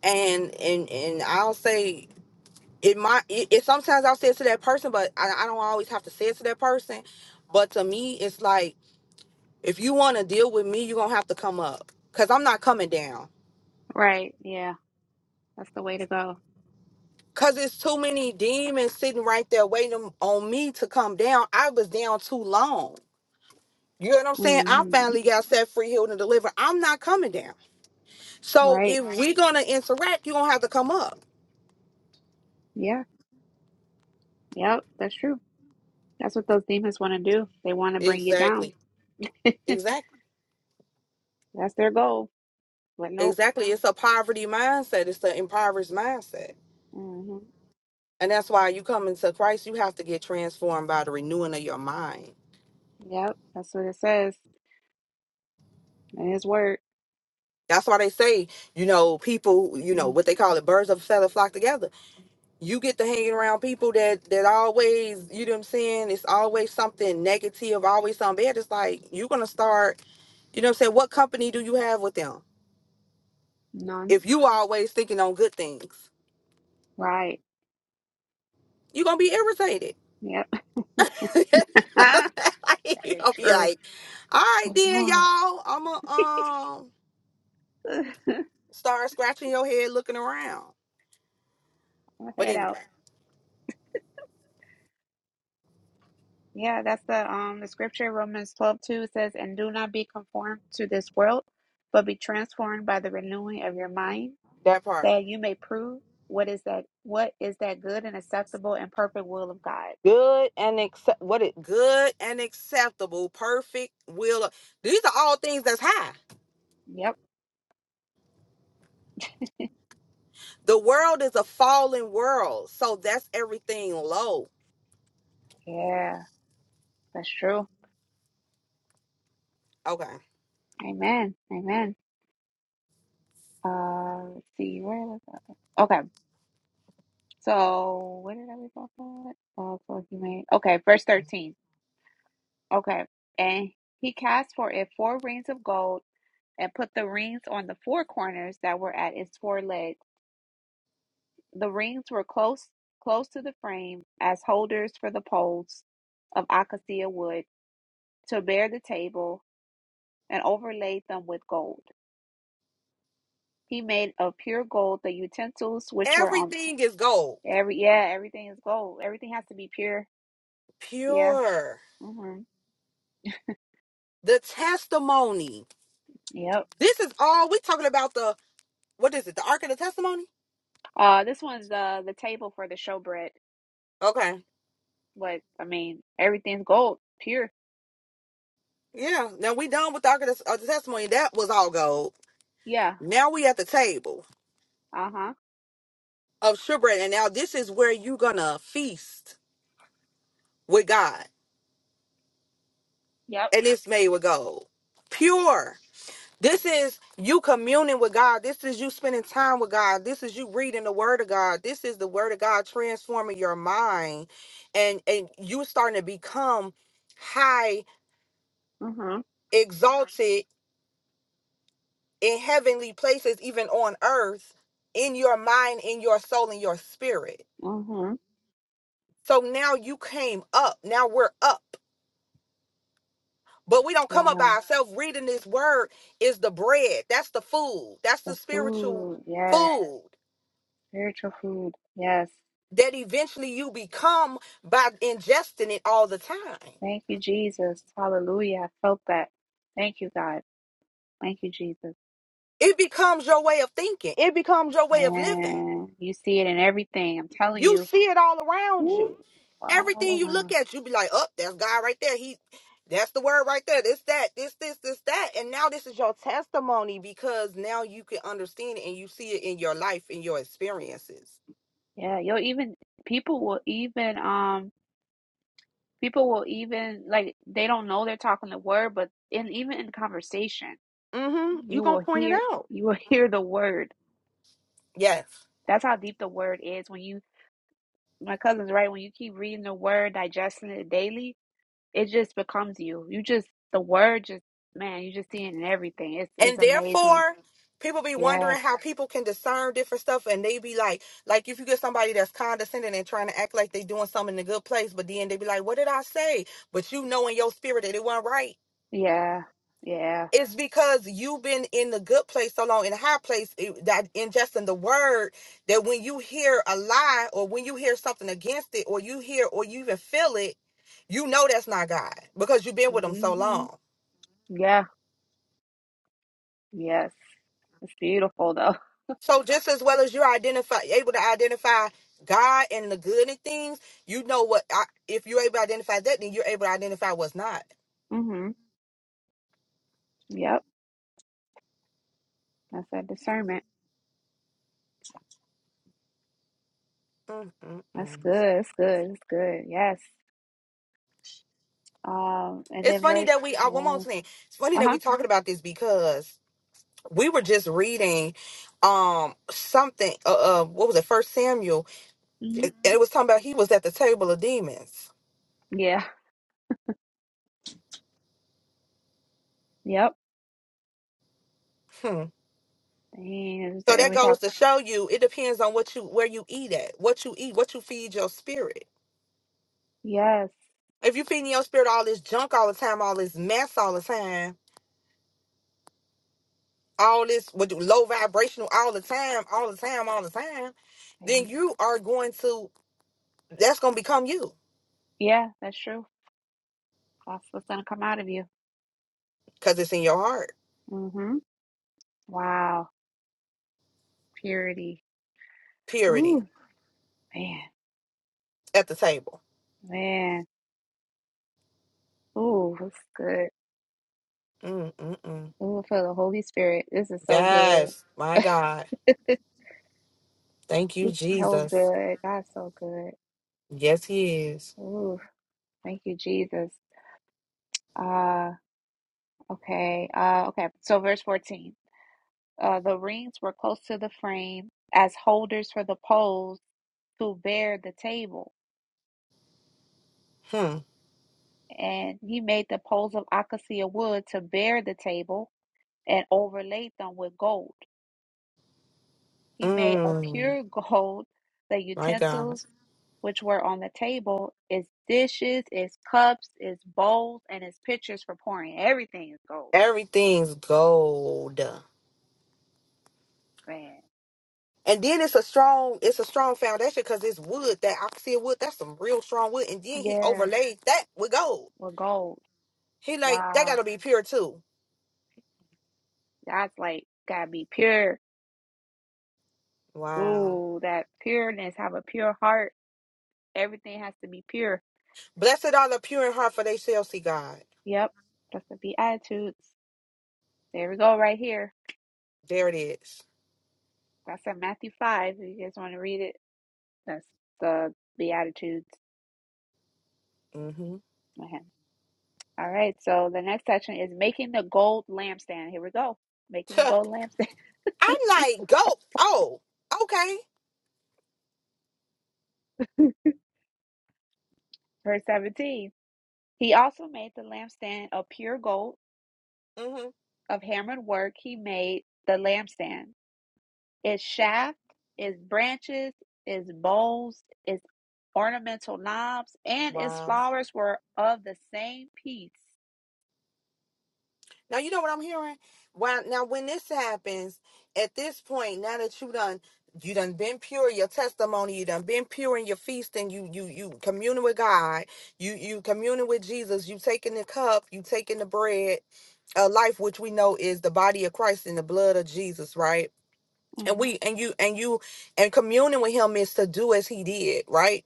S1: and, and, and I'll say, it might, it, it sometimes I'll say it to that person, but I, I don't always have to say it to that person. But to me, it's like, if you want to deal with me, you're going to have to come up because I'm not coming down.
S2: right. Yeah, that's the way to go.
S1: Because it's too many demons sitting right there waiting on me to come down. I was down too long. You know what I'm saying? I
S2: hmm
S1: finally got set free, healed, and delivered. I'm not coming down. So
S2: Right.
S1: if we're going to interact, you're going to have to come up.
S2: Yeah. Yep. That's true. That's what those demons want to do. They want to bring you down.
S1: Exactly.
S2: [laughs]
S1: Exactly.
S2: that's their goal. But nope.
S1: Exactly. It's a poverty mindset, it's an impoverished mindset.
S2: hmm
S1: And that's why you come into Christ, you have to get transformed by the renewing of your mind.
S2: Yep. That's what it says in His Word.
S1: That's why they say, you know, people, you know,
S2: [clears throat]
S1: what they call it, birds of a feather flock together. You get to hanging around people that that always, you know what I'm saying, it's always something negative, always something bad. It's like you're gonna start, you know what I'm saying, what company do you have with them?
S2: None.
S1: If you always thinking on good things,
S2: Right.
S1: you're gonna be irritated.
S2: Yep.
S1: [laughs] you
S2: [laughs] that
S1: will
S2: is
S1: be
S2: true.
S1: like, all right
S2: Oh,
S1: then,
S2: wow.
S1: y'all, I'ma um
S2: [laughs]
S1: start scratching your head looking around.
S2: My
S1: But
S2: head
S1: anyway,
S2: out. Yeah, that's the um the scripture Romans twelve two says, and do not be conformed to this world, but be transformed by the renewing of your mind,
S1: that part.
S2: that you may prove what is that what is that good and acceptable and perfect will of God.
S1: good and accept what it good and acceptable perfect will of- these are all things that's high
S2: Yep.
S1: the world is a fallen world so that's everything low
S2: Yeah, that's true.
S1: okay
S2: Amen. Amen. Uh let's see, where was I? Okay. So what did I read about that? Oh, so he made okay, verse thirteen. Okay. And he cast for it four rings of gold and put the rings on the four corners that were at its four legs. The rings were close close to the frame as holders for the poles of acacia wood to bear the table and overlaid them with gold. He made of pure gold the utensils which were on
S1: everything is gold
S2: every yeah, everything is gold. Everything has to be pure. Yeah.
S1: pure
S2: hmm
S1: the testimony
S2: Yep.
S1: this is all we talking about the what is it the ark of the testimony
S2: Uh this one's uh the table for the showbread.
S1: okay
S2: But I mean everything's gold, pure.
S1: yeah now we done with the ark of the, of the testimony that was all gold
S2: Yeah.
S1: now we at the table
S2: Uh-huh.
S1: of shipwreck and now this is where you gonna feast with god
S2: Yep.
S1: and it's made with gold. Pure. This is you communing with God. This is you spending time with God. This is you reading the word of God. This is the word of God transforming your mind and and you starting to become high
S2: Mm-hmm.
S1: exalted in heavenly places even on earth in your mind, in your soul, in your spirit.
S2: mm-hmm.
S1: So now you came up. Now we're up. But we don't come up by
S2: Yeah,
S1: ourselves. Reading this word is the bread. That's the food. That's the
S2: the
S1: spiritual
S2: food. Yes,
S1: food
S2: spiritual food. Yes.
S1: that eventually you become by ingesting it all the time.
S2: Thank you, Jesus. Hallelujah. I felt that. Thank you, God. Thank you, Jesus.
S1: It becomes your way of thinking, it becomes your way of living.
S2: And you see it in everything. I'm telling
S1: You
S2: you,
S1: see it all around
S2: Woo.
S1: you. Everything
S2: all
S1: you look
S2: around.
S1: at, you be like, "Up, that's God right there. He that's the word right there. This, that, this, this, this, that. And now this is your testimony because now you can understand it and you see it in your life, in your experiences.
S2: Yeah, you'll even, people will even, um, people will even, like, they don't know they're talking the word, but in even in conversation,
S1: Mm-hmm. You
S2: you
S1: gonna
S2: will
S1: point it
S2: hear,
S1: out.
S2: you will [laughs] hear the word.
S1: Yes.
S2: That's how deep the word is when you my cousin's right. When you keep reading the word, digesting it daily, it just becomes you. You just the word just man, you just seeing it in everything. It's
S1: And
S2: it's amazing.
S1: therefore, people be
S2: Yeah,
S1: wondering how people can discern different stuff and they be like, like if you get somebody that's condescending and trying to act like they doing something in a good place, but then they be like, What did I say? But you know in your spirit that it wasn't right.
S2: yeah, yeah.
S1: It's because you've been in the good place so long, in the high place, it- that ingesting the word, that when you hear a lie or when you hear something against it, or you hear or you even feel it, you know that's not God because you've been with Him so
S2: hmm
S1: long.
S2: Yeah, yes. It's beautiful though.
S1: So just as well as you're identify able to identify God and the good in things, you know what. I, if you're able to identify that, then you're able to identify what's not.
S2: [laughs] hmm Yep. That's that discernment.
S1: Mm, mm,
S2: That's
S1: mm.
S2: good. That's good. That's good. Yes. Um, and
S1: It's
S2: then
S1: funny
S2: verse.
S1: that we. Uh, one more
S2: Yeah.
S1: thing. It's funny
S2: Uh
S1: that we're
S2: huh.
S1: talking about this because we were just reading um something. Uh, uh what was it? First Samuel,
S2: hmm
S1: and it was talking about he was at the table of demons.
S2: Yeah. Yep.
S1: Hmm.
S2: Dang. it's just-
S1: So
S2: And
S1: that
S2: we
S1: goes
S2: talk.
S1: to show you, it depends on what you where you eat at, what you eat, what you feed your spirit.
S2: Yes.
S1: If you feeding your spirit all this junk all the time, all this mess all the time, all this with low vibrational all the time, all the time, all the time, then
S2: Dang.
S1: you are going to that's gonna become you
S2: Yeah. That's true. That's what's gonna come out of you.
S1: because it's in your heart.
S2: Mm-hmm. Wow. Purity.
S1: Purity
S2: Ooh, man,
S1: at the table.
S2: man. Ooh, that's good.
S1: Mm-mm-mm.
S2: Ooh, for the Holy Spirit. This is so
S1: Yes, my
S2: good.
S1: God.
S2: [laughs]
S1: Thank you,
S2: He's so
S1: Jesus.
S2: good. God's so good.
S1: Yes, He is.
S2: Ooh, thank you, Jesus. Uh, okay. Uh, okay. So verse 14. Uh, the rings were close to the frame as holders for the poles to bear the table.
S1: Hmm.
S2: And he made the poles of acacia wood to bear the table and overlaid them with gold. He made of
S1: Mm.
S2: pure [laughs] gold the
S1: My
S2: utensils
S1: God.
S2: which were on the table, its dishes, its cups, its bowls, and its pitchers for pouring. Everything is gold,
S1: Everything's gold.
S2: man.
S1: And then it's a strong, it's a strong foundation because it's wood that I can see wood. That's some real strong wood. And then he
S2: Yeah,
S1: overlaid that with gold.
S2: with gold.
S1: He like that
S2: Wow.
S1: gotta be pure too.
S2: That's like gotta be pure.
S1: Wow.
S2: Ooh, that pureness, have a pure heart. Everything has to be pure.
S1: Blessed are the pure in heart, for they shall see God.
S2: Yep. That's the Beatitudes. There we go, right here.
S1: There it is.
S2: That's in Matthew 5. If you guys want to read it, that's the Beatitudes.
S1: Mm-hmm.
S2: Okay. All right. So the next section is making the gold lampstand. Here we go. Making the
S1: [laughs]
S2: gold lampstand.
S1: I'm like, go. Oh, okay.
S2: [laughs] Verse 17. He also made the lampstand of pure gold.
S1: Mm-hmm.
S2: Of hammered work, he made the lampstand. Its
S1: Mm-hmm.
S2: shaft, its branches, its bowls, its ornamental knobs, and its
S1: Wow.
S2: flowers were of the same piece.
S1: Now you know what I'm hearing. Why now when this happens, at this point, now that you done you done been pure in your testimony, you done been pure in your feasting, you you you communing with God, you you communing with Jesus, you taking the cup, you taking the bread, a life which we know is the body of Christ and the blood of Jesus, right? And we
S2: Okay.
S1: and you and you and communing with him is to do as he did, right?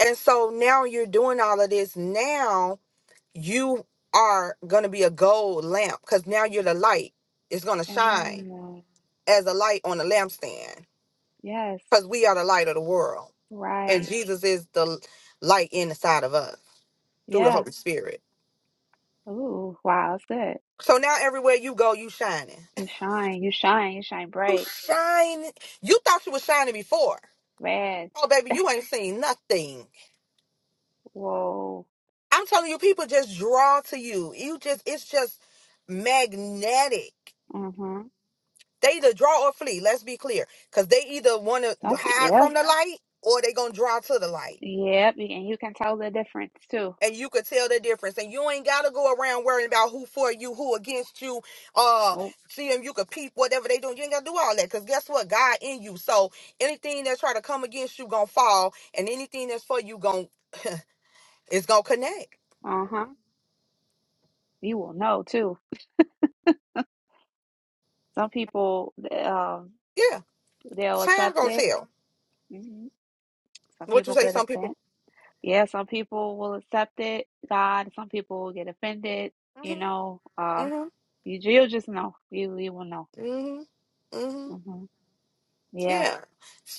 S1: And so now you're doing all of this now you are going to be a gold lamp because now you're the light. It's going to shine as a light on a lampstand
S2: Yes.
S1: because we are the light of the world. And
S2: Right.
S1: Jesus is the l- light inside of us through the
S2: Yeah.
S1: Holy Spirit.
S2: Ooh. Wow. That's good.
S1: So now everywhere you go, you shining. [laughs]
S2: You shine. You shine. You shine
S1: You
S2: bright.
S1: shine. You thought you was shining before.
S2: Red.
S1: Oh, baby, you ain't seen nothing.
S2: Whoa.
S1: I'm telling you, people just draw to you. You just, it's just magnetic.
S2: Mm-hmm.
S1: They either draw or flee. Let's be clear, because they either want to
S2: Something.
S1: hide
S2: Yeah.
S1: from the light or they gonna draw to the light,
S2: Yep. And you can tell the difference too.
S1: and you could tell the difference. And you ain't gotta go around worrying about who for you, who against you. Uh,
S2: Oh.
S1: see them, you could peep whatever they doing. You ain't gotta do all that, because guess what? God in you. So anything that's try to come against you gonna fall, and anything that's for you gonna is gonna connect.
S2: Uh-huh. You will know too. Some people, th- um,
S1: Yeah,
S2: they'll
S1: time
S2: accept
S1: gonna
S2: it.
S1: tell.
S2: hmm Some
S1: What you
S2: people
S1: say?
S2: get
S1: Some people.
S2: offended. Yeah. Some people will accept it. God. Some people will get offended. You
S1: Mhm.
S2: know. Uh,
S1: Mhm.
S2: you you'll just know. You you will know.
S1: Mhm. Mhm.
S2: Mm-hmm. Yeah.
S1: Yeah.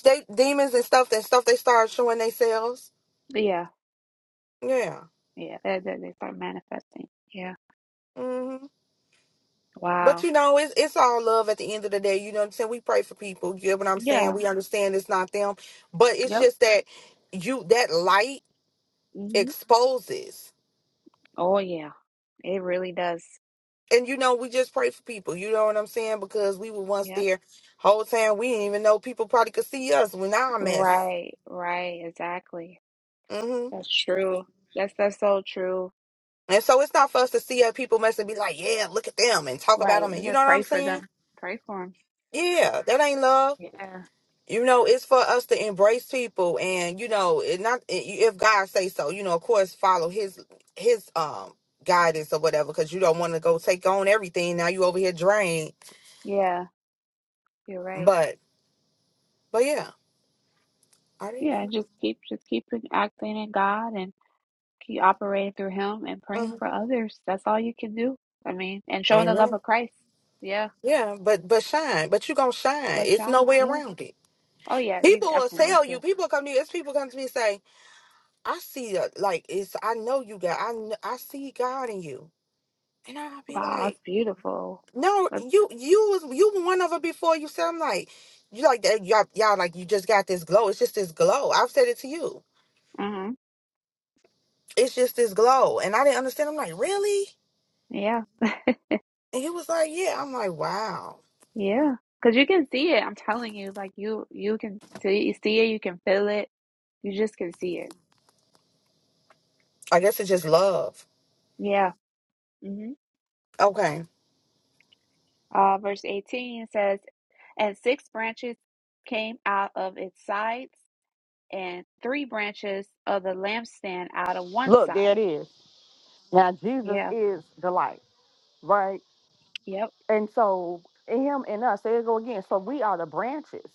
S1: They demons and stuff that stuff they start showing themselves.
S2: Yeah.
S1: Yeah.
S2: Yeah. They, they, they start manifesting. Yeah.
S1: hmm But
S2: Wow.
S1: you know, it's it's all love at the end of the day. You know what I'm saying? We pray for people. You get what I'm saying?
S2: Yeah.
S1: We understand it's not them. But it's
S2: Yep.
S1: just that you that light
S2: Mm-hmm.
S1: exposes.
S2: Oh, yeah. It really does.
S1: And you know, we just pray for people. You know what I'm saying? Because we were once
S2: Yep.
S1: there whole time. We didn't even know people probably could see us when our mess.
S2: Right, right, exactly.
S1: hmm
S2: That's true. That's that's so true.
S1: And so it's not for us to see other people mess and be like, yeah, look at them and talk about
S2: Right.
S1: them. And
S2: We
S1: you know
S2: gotta
S1: what I'm
S2: pray for
S1: saying?
S2: them. Pray for them.
S1: Yeah, that ain't love.
S2: Yeah.
S1: You know, it's for us to embrace people, and you know, it not if God say so. You know, of course, follow His His um guidance or whatever, because you don't want to go take on everything. Now you over here drained,
S2: Yeah, you're right.
S1: but but yeah, are they
S2: Yeah,
S1: done?
S2: just keep just keep it acting in God and keep operating through him and praying
S1: Mhm.
S2: for others. That's all you can do. I mean, and showing the love
S1: Amen.
S2: of Christ. Yeah.
S1: Yeah, but but shine, but you gonna shine.
S2: Let's
S1: It's no
S2: shine.
S1: way
S2: Yeah.
S1: around it.
S2: Oh yeah, you
S1: People will
S2: definitely going
S1: tell you.
S2: to.
S1: People come to you. It's people come to me and say, "I see, a, like it's. I know you got. I kn- I see God in you," and I'll be
S2: Wow,
S1: like.
S2: that's beautiful.
S1: No,
S2: That's
S1: you you was you were one of it before you said I'm like you like that y'all y'all like you just got this glow. It's just this glow. I've said it to you.
S2: mm-hmm.
S1: It's just this glow. And I didn't understand. I'm like, really?
S2: Yeah.
S1: And you was like, Yeah. I'm like, wow.
S2: Yeah, because you can see it. I'm telling you, like you you can see you see it, you can feel it, you just can see it.
S1: I guess it's just love.
S2: Yeah. hmm
S1: Okay.
S2: Uh, verse 18 says, And six branches came out of its sides, and three branches of the lampstand out of one
S1: Look, there it
S2: side.
S1: is. Now Jesus
S2: Yeah.
S1: is the light, right?
S2: Yep.
S1: And so in him and us, there you go again. So we are the branches.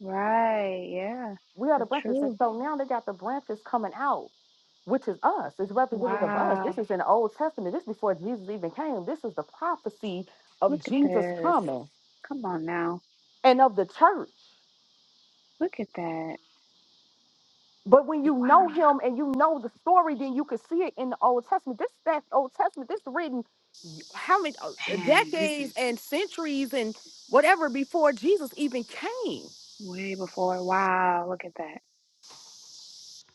S2: Right. Yeah.
S1: We are the
S2: That's
S1: branches. And
S2: true.
S1: so now they got the branches coming out. which is us, is representative of us. This
S2: Wow.
S1: is in the Old Testament. This is before Jesus even came. This is the prophecy of
S2: Look at
S1: Jesus
S2: this.
S1: coming
S2: Come on now.
S1: and of the church.
S2: Look at that.
S1: But when you know
S2: Wow.
S1: him and you know the story, then you can see it in the Old Testament. This that Old Testament, this written how many uh,
S2: Man, this is
S1: decades and centuries and whatever before Jesus even came.
S2: way before. Wow. Look at that.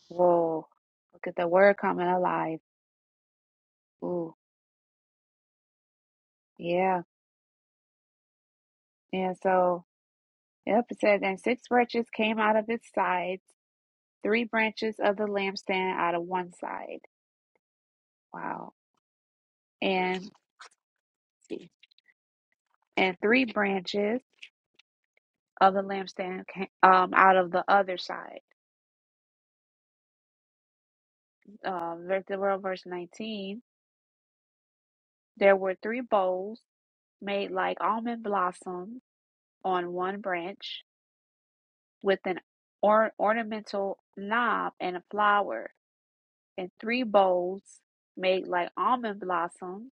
S2: Whoa, look at the word coming alive. Ooh, yeah. And so, yep, it says, and six branches came out of its sides, three branches of the lampstand out of one side. Wow. And and three branches of the lampstand came um out of the other side. Um, ver- the world verse nineteen. There were three bowls made like almond blossoms on one branch, with an or ornamental knob and a flower and three bowls made like almond blossoms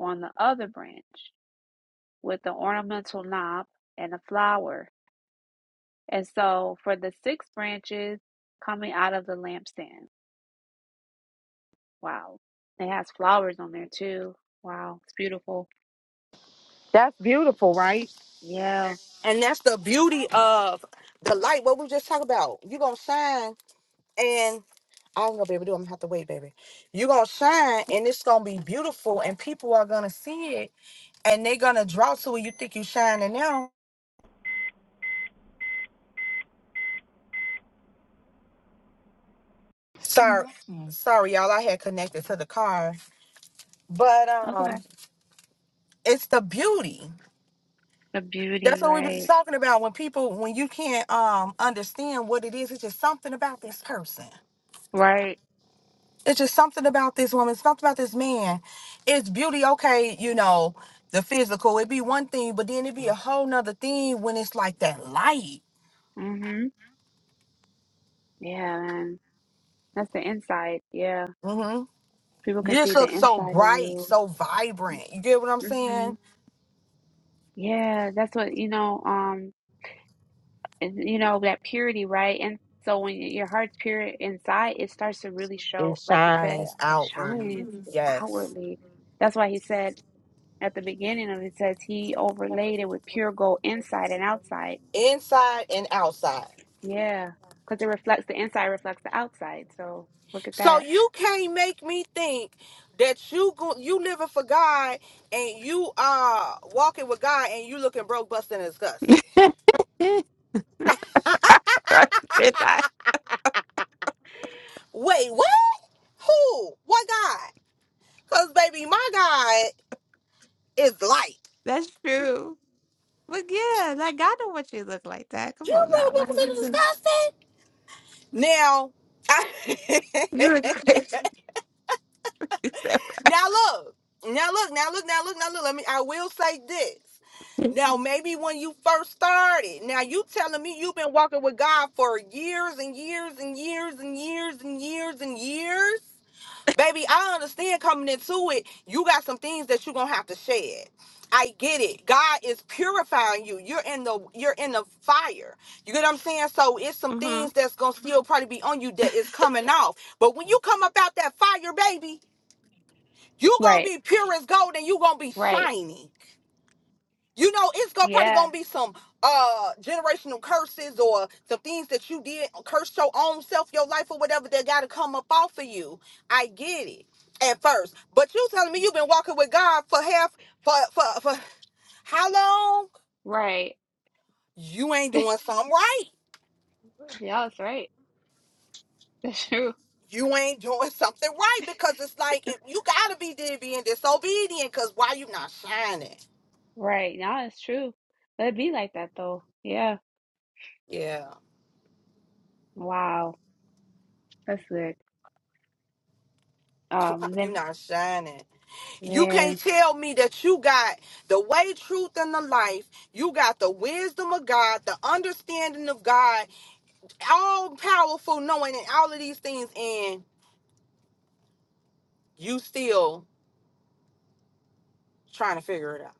S2: on the other branch with the ornamental knob and a flower. And so for the six branches coming out of the lampstand. Wow. It has flowers on there too. Wow. It's beautiful.
S1: That's beautiful, right?
S2: Yeah.
S1: And that's the beauty of the light. What we just talked about. You're gonna shine. I ain't gonna be able to do it. I'm gonna have to wait, baby. You're gonna shine and it's gonna be beautiful and people are gonna see it and they're gonna draw to it. You think you shining now. Sorry, Mhm. sorry, y'all. I had connected to the car. But
S2: That's
S1: um
S2: okay.
S1: it's the beauty.
S2: The
S1: That's
S2: beauty,
S1: what we was
S2: right?
S1: talking about. When people when you can't um understand what it is, it's just something about this person.
S2: Right.
S1: It's just something about this woman, something about this man. It's beauty, okay, you know, the physical. It'd be one thing, but then it'd be a whole nother thing when it's like that light.
S2: Mm-hmm. Yeah, man. That's the inside. Yeah.
S1: hmm
S2: People
S1: You
S2: can
S1: just
S2: see the
S1: look so
S2: inside of
S1: bright,
S2: you.
S1: so vibrant. You get what I'm
S2: Mm-hmm.
S1: saying?
S2: Yeah, that's what, you know, um, and you know that purity right and so when your heart's pure inside it starts to really show
S1: It
S2: like you said
S1: shines
S2: it
S1: outwardly.
S2: shines
S1: Mhm. Yes.
S2: outwardly that's why he said at the beginning of it says he overlaid it with pure gold inside and outside
S1: Inside and outside.
S2: yeah because it reflects the inside reflects the outside so look at
S1: So
S2: that
S1: you can't make me think that you go you living for God and you uh walking with God and you looking broke, busting, and disgusted.
S2: [laughs]
S1: Wait, what? Who? What God? Cause baby, my God is light.
S2: That's true. But yeah, like I know what you look like that. Come
S1: You
S2: on now.
S1: broke,
S2: Like
S1: busting, and
S2: listen,
S1: disgusted. Now, [laughs]
S2: you look crazy. [laughs] So,
S1: Now look, now look, now look, now look, now look. Let me. I will say this. Now maybe when you first started, now you telling me you've been walking with God for years and years and years and years and years and years. Baby, I understand coming into it, you got some things that you're gonna have to shed. I get it. God is purifying you. You're in the you're in the fire. You get what I'm saying? So it's some
S2: mhm.
S1: things that's gonna still probably be on you that is coming off. But when you come up out that fire, baby, you gonna
S2: right
S1: be pure as gold and you gonna be
S2: right
S1: shining. You know, it's gonna probably
S2: yeah
S1: gonna be some uh generational curses or some things that you did curse your own self, your life or whatever that gotta come up off of you. I get it at first. But you telling me you've been walking with God for half for for for how long?
S2: Right.
S1: You ain't doing something right.
S2: Yeah, that's right. [laughs] That's true.
S1: You ain't doing [laughs] something right because it's like if you gotta be being disobedient because why you not shining?
S2: Right. Now it's true. Let it be like that though. Yeah.
S1: Yeah.
S2: Wow. That's good.
S1: [laughs]
S2: Um
S1: Why
S2: and
S1: you
S2: then
S1: not shining? You can't
S2: man,
S1: tell me that you got the way, truth, and the life. You got the wisdom of God, the understanding of God, all powerful knowing and all of these things, and you still trying to figure it out.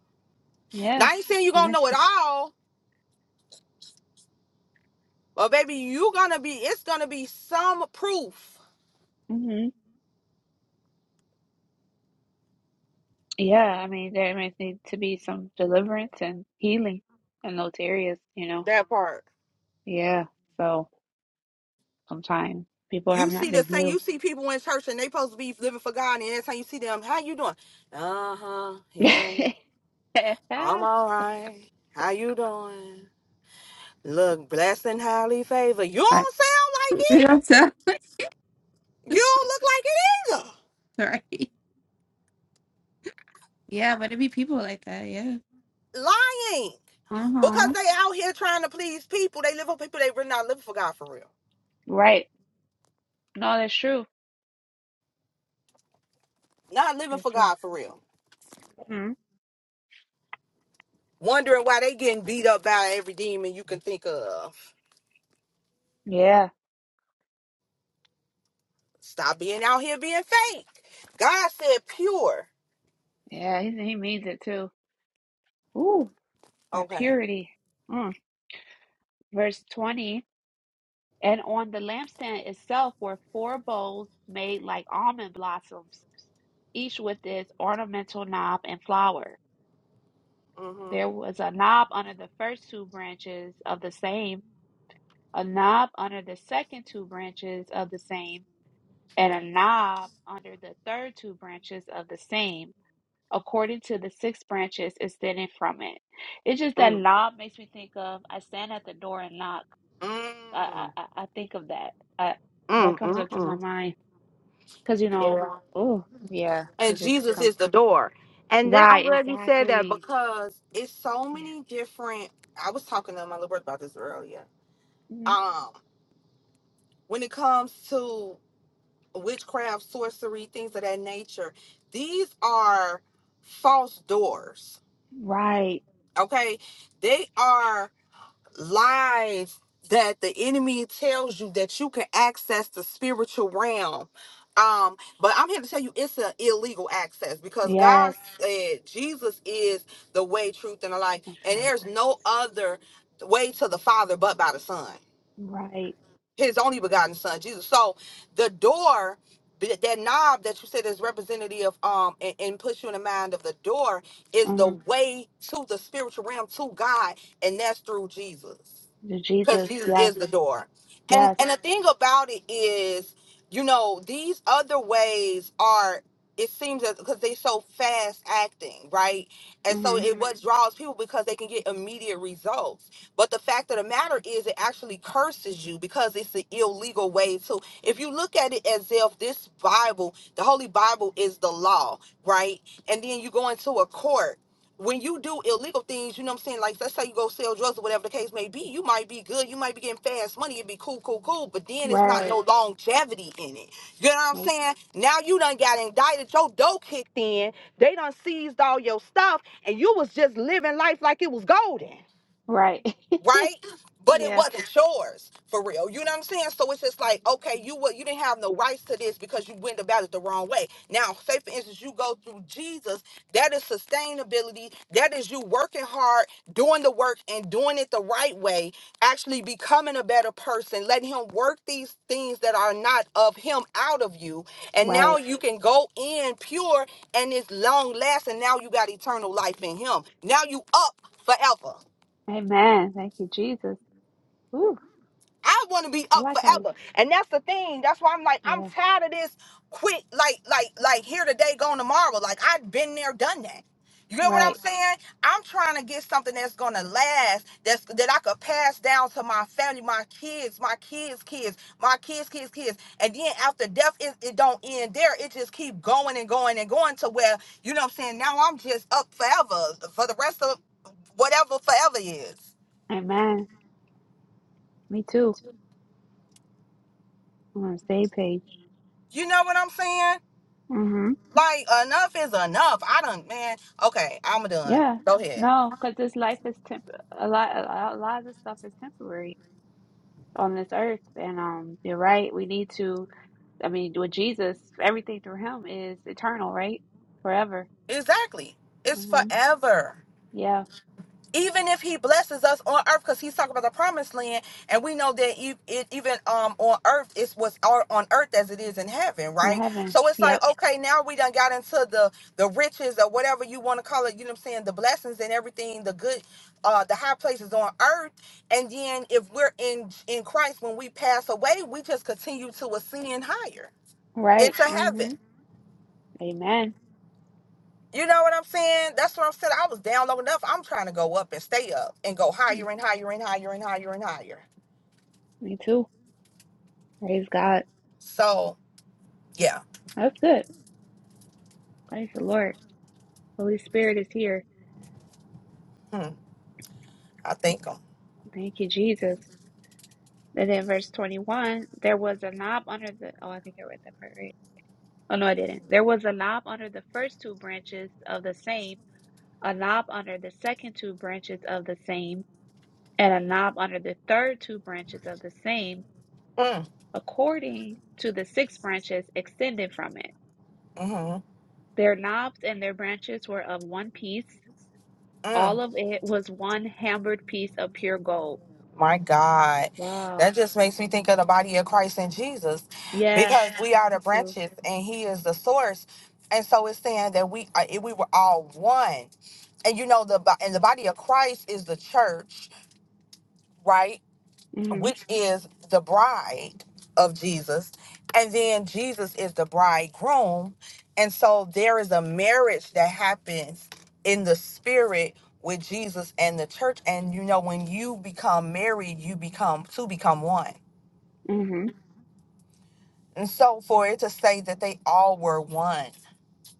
S1: Now
S2: yeah.
S1: I ain't saying you're gonna know it all, but baby, you gonna be it's gonna be some proof.
S2: Mm-hmm. Yeah, I mean there might need to be some deliverance and healing in those areas, you know.
S1: That part.
S2: Yeah. So sometimes people
S1: You
S2: have not
S1: see the
S2: been
S1: thing, you
S2: healed.
S1: see people in church and they supposed to be living for God, and every time you see them, how you doing? Uh-huh.
S2: [laughs]
S1: Yeah,
S2: I-
S1: I'm all right. How you doing? Look, blessed and highly favored. You don't sound like it.
S2: Yes, uh,
S1: You don't look
S2: [laughs] right. Yeah, but it be people like that. Yeah.
S1: like it either. Lying.
S2: Uh
S1: Because
S2: huh.
S1: they out here trying to please people. They live for people. They really not living for God for real.
S2: Right. No, that's true.
S1: Not living
S2: That's
S1: for
S2: true.
S1: God for real.
S2: Mm,
S1: Wondering why they getting beat up by every demon you can think of.
S2: yeah,
S1: Stop being out here being fake. God said pure.
S2: yeah, he, he means it too. Ooh, that
S1: Okay.
S2: purity. Mm. Verse 20, and on the lampstand itself were four bowls made like almond blossoms, each with its ornamental knob and flower.
S1: Mm-hmm.
S2: There was a knob under the first two branches of the same, a knob under the second two branches of the same, and a knob under the third two branches of the same. according to the six branches extending from it. It's just that
S1: Mm.
S2: knob makes me think of I stand at the door and knock.
S1: Mm.
S2: I I, I think of that. I, that
S1: Mm.
S2: comes
S1: Mm.
S2: up to my
S1: mm.
S2: mind because you
S1: Yeah.
S2: know, oh yeah,
S1: and
S2: it just
S1: Jesus
S2: comes
S1: is the door. And then I'm
S2: right
S1: glad you said that
S2: exactly.
S1: because it's so
S2: Yeah,
S1: many different. I was talking to my little brother about this earlier.
S2: Mhm.
S1: Um, when it comes to witchcraft, sorcery, things of that nature, these are false doors.
S2: right.
S1: Okay, they are. lies that the enemy tells you that you can access the spiritual realm. Um, but I'm here to tell you it's an illegal access because God
S2: Yes,
S1: said Jesus is the way, truth, and the life,
S2: truth of
S1: and
S2: life.
S1: there's no
S2: Yes,
S1: other way to the Father but by the Son,
S2: right.
S1: His only begotten Son, Jesus. So the door, th- that knob that you said is representative, um, and, and puts you in the mind of the door is the
S2: hmm
S1: way to the spiritual realm to God, and that's through Jesus
S2: The
S1: because
S2: Jesus.
S1: Jesus
S2: Yes,
S1: is the door. And
S2: yes.
S1: and the thing about it is, you know, these other ways are it seems that because they so fast acting, right? And so
S2: hmm
S1: it what Mhm. draws people because they can get immediate results. But the fact of the matter is it actually curses you because it's the illegal way too. if you look at it as if this Bible, the Holy Bible is the law, right? And then you go into a court when you do illegal things, you know what I'm saying? Like, let's say you go sell drugs or whatever the case may be, you might be good, you might be getting fast money, it'd be cool, cool, cool, but then it's not
S2: Right.
S1: no longevity in it. You know what I'm
S2: Nope.
S1: saying? Now you done got indicted, your dough kicked in, they done seized all your stuff, and you was just living life like it was golden
S2: Right. [laughs]
S1: right? But it
S2: yeah.
S1: wasn't yours for real. You know what I'm saying? So it's just like, okay, you what you didn't have no rights to this because you went about it the wrong way. Now, say for instance, you go through Jesus, that is sustainability. That is you working hard, doing the work and doing it the right way, actually becoming a better person, letting him work these things that are not of him out of you. And
S2: Right.
S1: now you can go in pure and it's long lasting. Now you got eternal life in him. Now you up forever.
S2: Amen. Thank you, Jesus. Woo.
S1: I want to be
S2: I
S1: up
S2: like how you,
S1: forever. And that's the thing. That's why I'm like, I'm
S2: yeah,
S1: tired of this quick, like, like, like here today, gone tomorrow. Like I've been there, done that. You know what I'm
S2: right.
S1: saying? I'm trying to get something that's gonna last, that's that I could pass down to my family, my kids, my kids, kids, my kids, kids, kids. And then after death, it, it don't end there. It just keep going and going and going to where, you know what I'm saying? Now I'm just up forever for the rest of whatever forever is.
S2: Amen. Me too. I'm on the same page.
S1: You know what I'm saying?
S2: hmm
S1: Like enough is enough. I don't man. Okay, I'm done.
S2: Yeah.
S1: Go ahead.
S2: No, because this life is temp. A lot, a lot, a lot of this stuff is temporary on this earth, and um, you're right. We need to. I mean, with Jesus, everything through Him is eternal, right? Forever.
S1: Exactly. It's
S2: hmm
S1: forever.
S2: Yeah,
S1: Even if he blesses us on earth, because he's talking about the promised land, and we know that e- it even um on earth it's what's on on earth as it is in heaven,
S2: in
S1: right?
S2: heaven.
S1: So it's like
S2: Yep.
S1: okay, now we done got into the the riches or whatever you want to call it. You know what I'm saying? The blessings and everything, the good, uh, the high places on earth, and then if we're in in Christ when we pass away, we just continue to ascend higher
S2: Right.
S1: into heaven.
S2: hmm Amen.
S1: You know what I'm saying? That's what I'm saying. I was down low enough. I'm trying to go up and stay up and go higher
S2: Mm,
S1: and higher and higher and higher and higher.
S2: Me too. Praise God.
S1: So yeah,
S2: That's good. Praise the Lord. Holy Spirit is here.
S1: hmm, I think um,
S2: Thank you, Jesus. And then verse 21, there was a knob under the, oh, I think I read that part right. Oh, no, I didn't. There was a knob under the first two branches of the same, a knob under the second two branches of the same, and a knob under the third two branches of the same,
S1: mm,
S2: according to the six branches extended from it.
S1: mhm,
S2: Their knobs and their branches were of one piece.
S1: mm.
S2: All of it was one hammered piece of pure gold.
S1: my God, that
S2: Wow.
S1: just makes me think of the body of Christ and Jesus,
S2: Yeah,
S1: because we are the
S2: me too.
S1: branches and He is the source. And so it's saying that we uh, we were all one, and you know the bo- and the body of Christ is the church, right?
S2: Mm-hmm.
S1: which is the bride of Jesus, and then Jesus is the bridegroom. And so there is a marriage that happens in the spirit with Jesus and the church. And you know, when you become married, you become to become one.
S2: Mm-hmm.
S1: And so for it to say that they all were one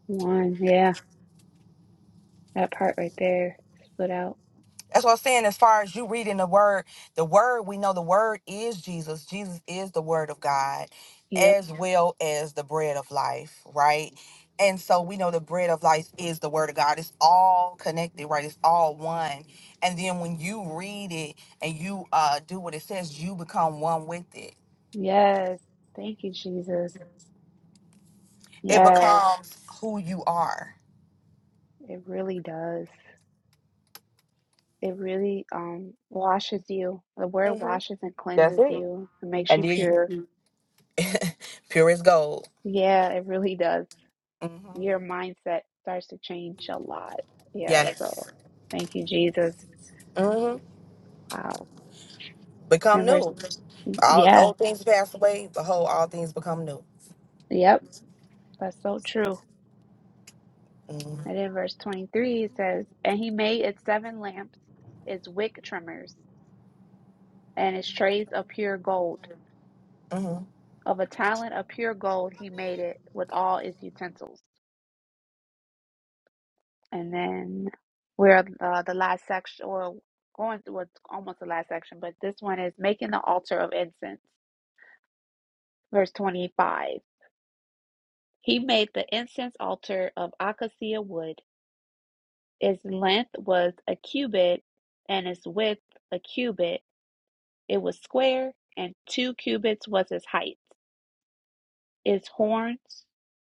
S2: One. Yeah. That part right there stood out.
S1: That's what I'm saying. As far as you reading the word, the word, we know the word is Jesus. Jesus is the word of God
S2: Yep.
S1: as well as the bread of life, right? And so we know the bread of life is the word of God. It's all connected, right? It's all one. And then when you read it and you uh, do what it says, you become one with it.
S2: Yes. Thank you, Jesus.
S1: It
S2: Yes.
S1: becomes who you are.
S2: It really does. It really um washes you. The word
S1: Mhm.
S2: washes and
S1: That's
S2: cleanses
S1: it.
S2: you and makes
S1: And
S2: you
S1: then
S2: pure.
S1: pure as gold.
S2: Yeah, it really does.
S1: hmm
S2: Your mindset starts to change a lot. Yeah,
S1: Yes.
S2: so thank you, Jesus.
S1: hmm
S2: Wow.
S1: Become
S2: And verse
S1: new. All
S2: yeah,
S1: old things pass away. Behold, all things become new.
S2: yep, that's so true.
S1: Mm-hmm.
S2: And in verse 23 it says, And he made its seven lamps, its wick trimmers. and its trays of pure gold.
S1: Mm-hmm.
S2: Of a talent of pure gold he made it with all its utensils. And then we're uh, the last section, or going to what's almost the last section, but this one is making the altar of incense. Verse 25. He made the incense altar of acacia wood. Its length was a cubit, and its width a cubit. It was square, and two cubits was its height. Its horns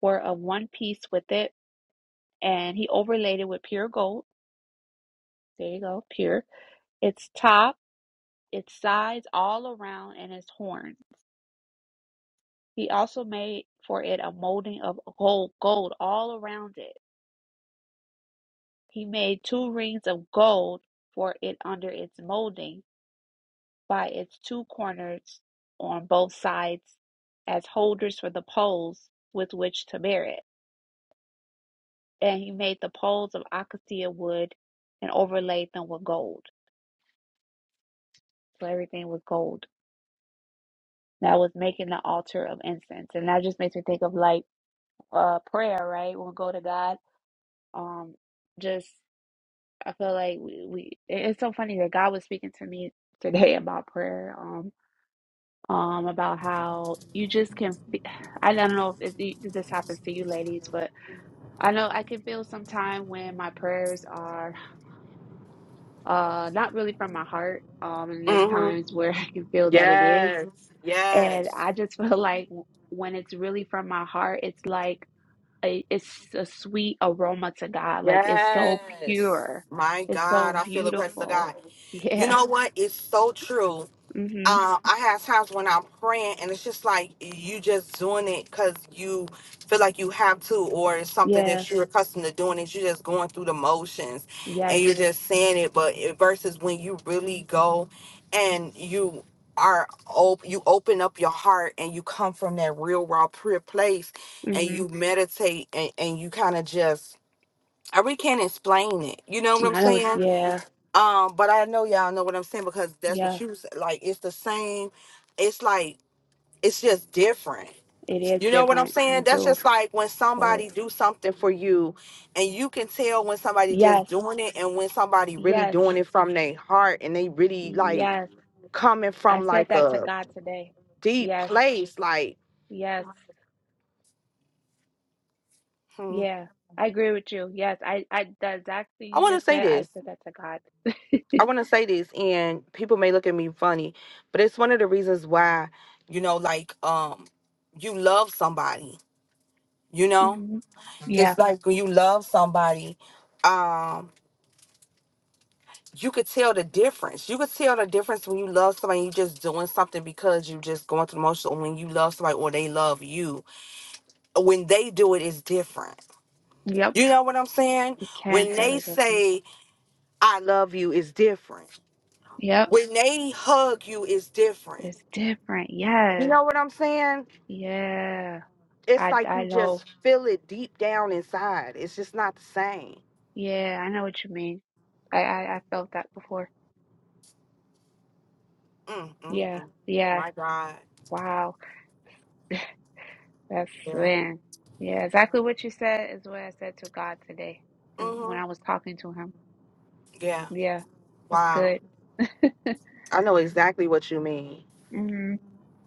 S2: were of one piece with it and he overlaid it with pure gold. There you go, pure. Its top, its sides, all around, and its horn. He also made for it a molding of gold, gold all around it. He made two rings of gold for it under its molding by its two corners on both sides as holders for the poles with which to bear it. And he made the poles of acacia wood and overlaid them with gold. So everything was gold. that was making the altar of incense. And that just makes me think of like uh prayer, right? When we go to God, um just I feel like we, we it- it's so funny that God was speaking to me today [laughs] about prayer, um um about how you just can fe- [sighs] I don't know if, it- if this happens to you ladies, but I know I can feel sometime when my prayers are uh not really from my heart. Um and there's
S1: Mm-hmm.
S2: times where [laughs] I can feel that it is.
S1: Yes.
S2: And
S1: Yes.
S2: I just feel [laughs] like when it's really from my heart, it's like a, it's a sweet aroma to God. Like it's so
S1: Yes.
S2: pure.
S1: My
S2: It's so
S1: God, I feel the presence of
S2: beautiful.
S1: God.
S2: [laughs]
S1: You
S2: Yeah.
S1: know what? It's so true.
S2: hmm
S1: um, I have times when I'm praying and it's just like you just doing it because you feel like you have to, or it's something
S2: Yeah.
S1: that you're accustomed to doing. Is you're just going through the motions
S2: Yes.
S1: and you're just saying it. But it, versus when you really go and you are op- you open up your heart and you come from that real raw prayer place and
S2: hmm
S1: you meditate and, and you kind of just I really can't explain it. You know what I'm
S2: I know.
S1: saying?
S2: Yeah.
S1: Um, but I know y'all know what I'm saying because that's
S2: Yeah.
S1: what you said. Like, it's the same. It's like it's just different.
S2: It is
S1: You know what I'm
S2: different.
S1: saying?
S2: You
S1: That's
S2: do
S1: just like when
S2: feel it.
S1: somebody do something for you, and you can tell when somebody just
S2: Yes.
S1: doing it and when somebody really
S2: Yes.
S1: doing it from their heart and they really like
S2: Yes.
S1: coming
S2: I
S1: from
S2: said
S1: like
S2: that to
S1: a
S2: God today.
S1: deep
S2: Yes.
S1: place. Like,
S2: Yes.
S1: hmm,
S2: Yeah. I agree with you. Yes. I, I, the exact thing
S1: I
S2: you
S1: want to
S2: just
S1: say
S2: said, I
S1: this.
S2: said that to God.
S1: I want to say this, and people may look at me funny, but it's one of the reasons why you know, like, um, you love somebody You
S2: [laughs]
S1: know,
S2: hmm Yeah.
S1: it's like when you love somebody, um, you could tell the difference. You could tell the difference when you love somebody, you just doing something because you just going through the motions, or when you love somebody or they love you. When they do it, it's different.
S2: Yep.
S1: You know what I'm saying?
S2: You can
S1: When
S2: tell the
S1: they
S2: difference.
S1: say, I love you, is different.
S2: Yep.
S1: When they hug you, is different.
S2: It's different.
S1: You
S2: Yes.
S1: know what I'm saying?
S2: Yeah.
S1: It's
S2: I
S1: like
S2: I
S1: you
S2: know.
S1: just feel it deep down inside. It's just not the same.
S2: Yeah, I know what you mean. I I, I felt that before.
S1: Mm, mm,
S2: Yeah.
S1: mm.
S2: Yeah.
S1: My God.
S2: Wow. [laughs] That's
S1: Yeah.
S2: man. Yeah, exactly what you said is what I said to God today and
S1: Mm-hmm.
S2: when I was talking to him.
S1: Yeah.
S2: Yeah. That's
S1: Wow.
S2: good. [laughs]
S1: I know exactly what you mean.
S2: hmm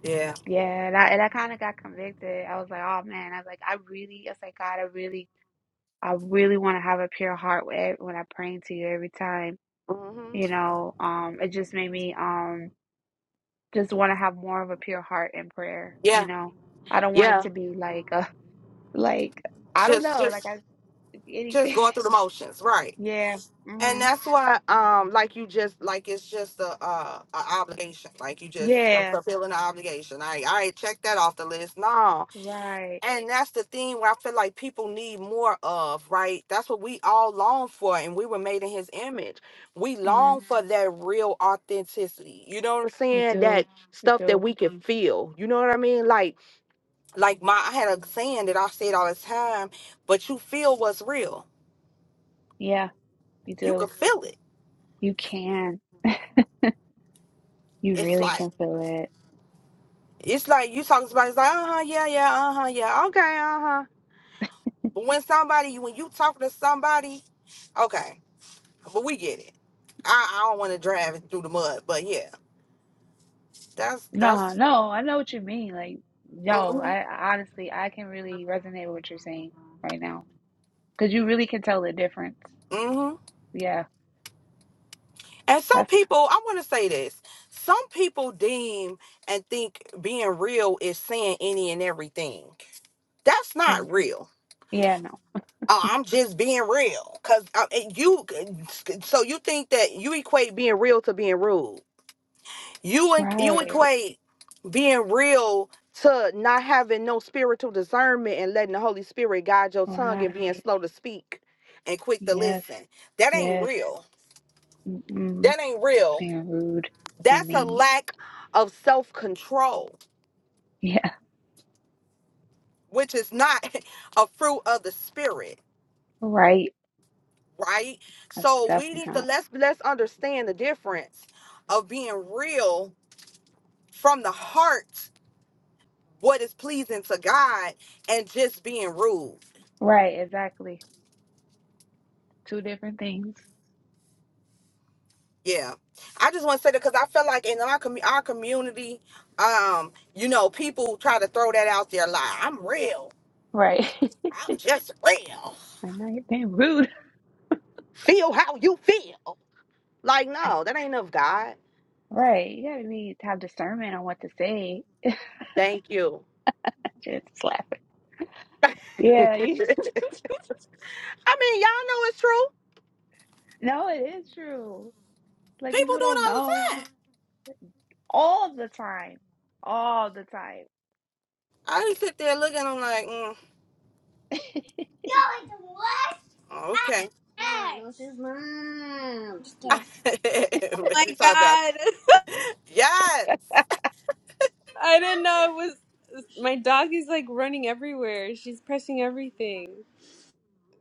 S1: Yeah.
S2: Yeah, and I and I kind of got convicted. I was like, oh man, I was like, I really, I was like, God, I really, I really want to have a pure heart when when I'm praying to you every time.
S1: hmm
S2: you know um it just made me um just want to have more of a pure heart in prayer
S1: Yeah.
S2: you know i don't want it
S1: Yeah.
S2: to be like a [laughs] like i don't
S1: Just
S2: know like
S1: just
S2: i
S1: just
S2: anything
S1: going through the motions, right?
S2: [laughs] yeah
S1: And
S2: hmm
S1: that's why, um, like you just like it's just a uh a obligation. Like you just I'm
S2: yeah
S1: fulfilling an obligation. I I check that off the list. No.
S2: right
S1: And that's the thing where I feel like people need more of, right? That's what we all long for, and we were made in his image. We
S2: mm,
S1: long for Mhm. that real authenticity. You know what I'm
S2: we
S1: saying?
S2: do
S1: That
S2: we
S1: stuff that
S2: do
S1: we can Mhm. feel. You know what I mean? Like, like my I had a saying that I said all the time, but you feel what's real.
S2: yeah you
S1: You can
S2: do
S1: feel it.
S2: you can you
S1: It's
S2: really
S1: like
S2: can feel it
S1: it's like you talking to somebody, it's like, uh-huh, yeah, yeah, uh-huh, yeah, okay, uh-huh. But when somebody when you talking to somebody, okay. But we get it. I, I don't want to drive it through the mud, but yeah, that's
S2: no
S1: that's.
S2: no i know what you mean like yo
S1: hmm
S2: i I honestly i can really resonate with what you're saying right now because you really can tell the difference
S1: hmm
S2: yeah
S1: And some
S2: that's
S1: people, I want to say this. Some people deem and think being real is saying any and everything. That's not real.
S2: Yeah, no.
S1: Oh, I'm just being real, cause uh, and you. So you think that you equate being real to being rude? You en- you
S2: Right.
S1: equate being real to not having no spiritual discernment and letting the Holy Spirit guide your tongue and being
S2: Right.
S1: slow to speak and quick to
S2: Yes.
S1: listen. That ain't
S2: Yes.
S1: real.
S2: Mm-mm.
S1: That ain't
S2: Just
S1: real.
S2: being rude and
S1: That's a
S2: mean. [laughs]
S1: lack of self control,
S2: Yeah.
S1: which is not [laughs] a fruit of the spirit,
S2: Right.
S1: right?
S2: That's
S1: So we
S2: definitely
S1: need to
S2: not.
S1: let's let's understand the difference of being real from the heart, what is pleasing to God, and just being rude.
S2: Right. Exactly. Two different things.
S1: Yeah, I just want to say that because I feel like in our commu- our community, um, you know, people try to throw that out there like I'm real,
S2: Right. [laughs]
S1: I'm just real.
S2: Like, no, you're being rude.
S1: Feel how you feel. Like
S2: [laughs] Like,
S1: no, that ain't of God.
S2: right. You gotta be to have discernment on what to say.
S1: Thank you.
S2: Just slap it.
S1: [laughs] I
S2: Yeah. You,
S1: mean, y'all know it's true.
S2: [laughs] no, it is true. Like,
S1: People
S2: people
S1: do it
S2: don't
S1: all
S2: know
S1: the time.
S2: all the time. All the time.
S1: I just sit there looking. I'm like, mm,
S6: Yeah,
S1: oh, okay.
S6: this is mom. Just kidding.
S1: [laughs]
S6: Oh
S1: what
S6: my
S1: you talking about?
S6: god.
S1: Yes,
S6: [laughs] I didn't know it was my dog is like running everywhere. She's pressing everything.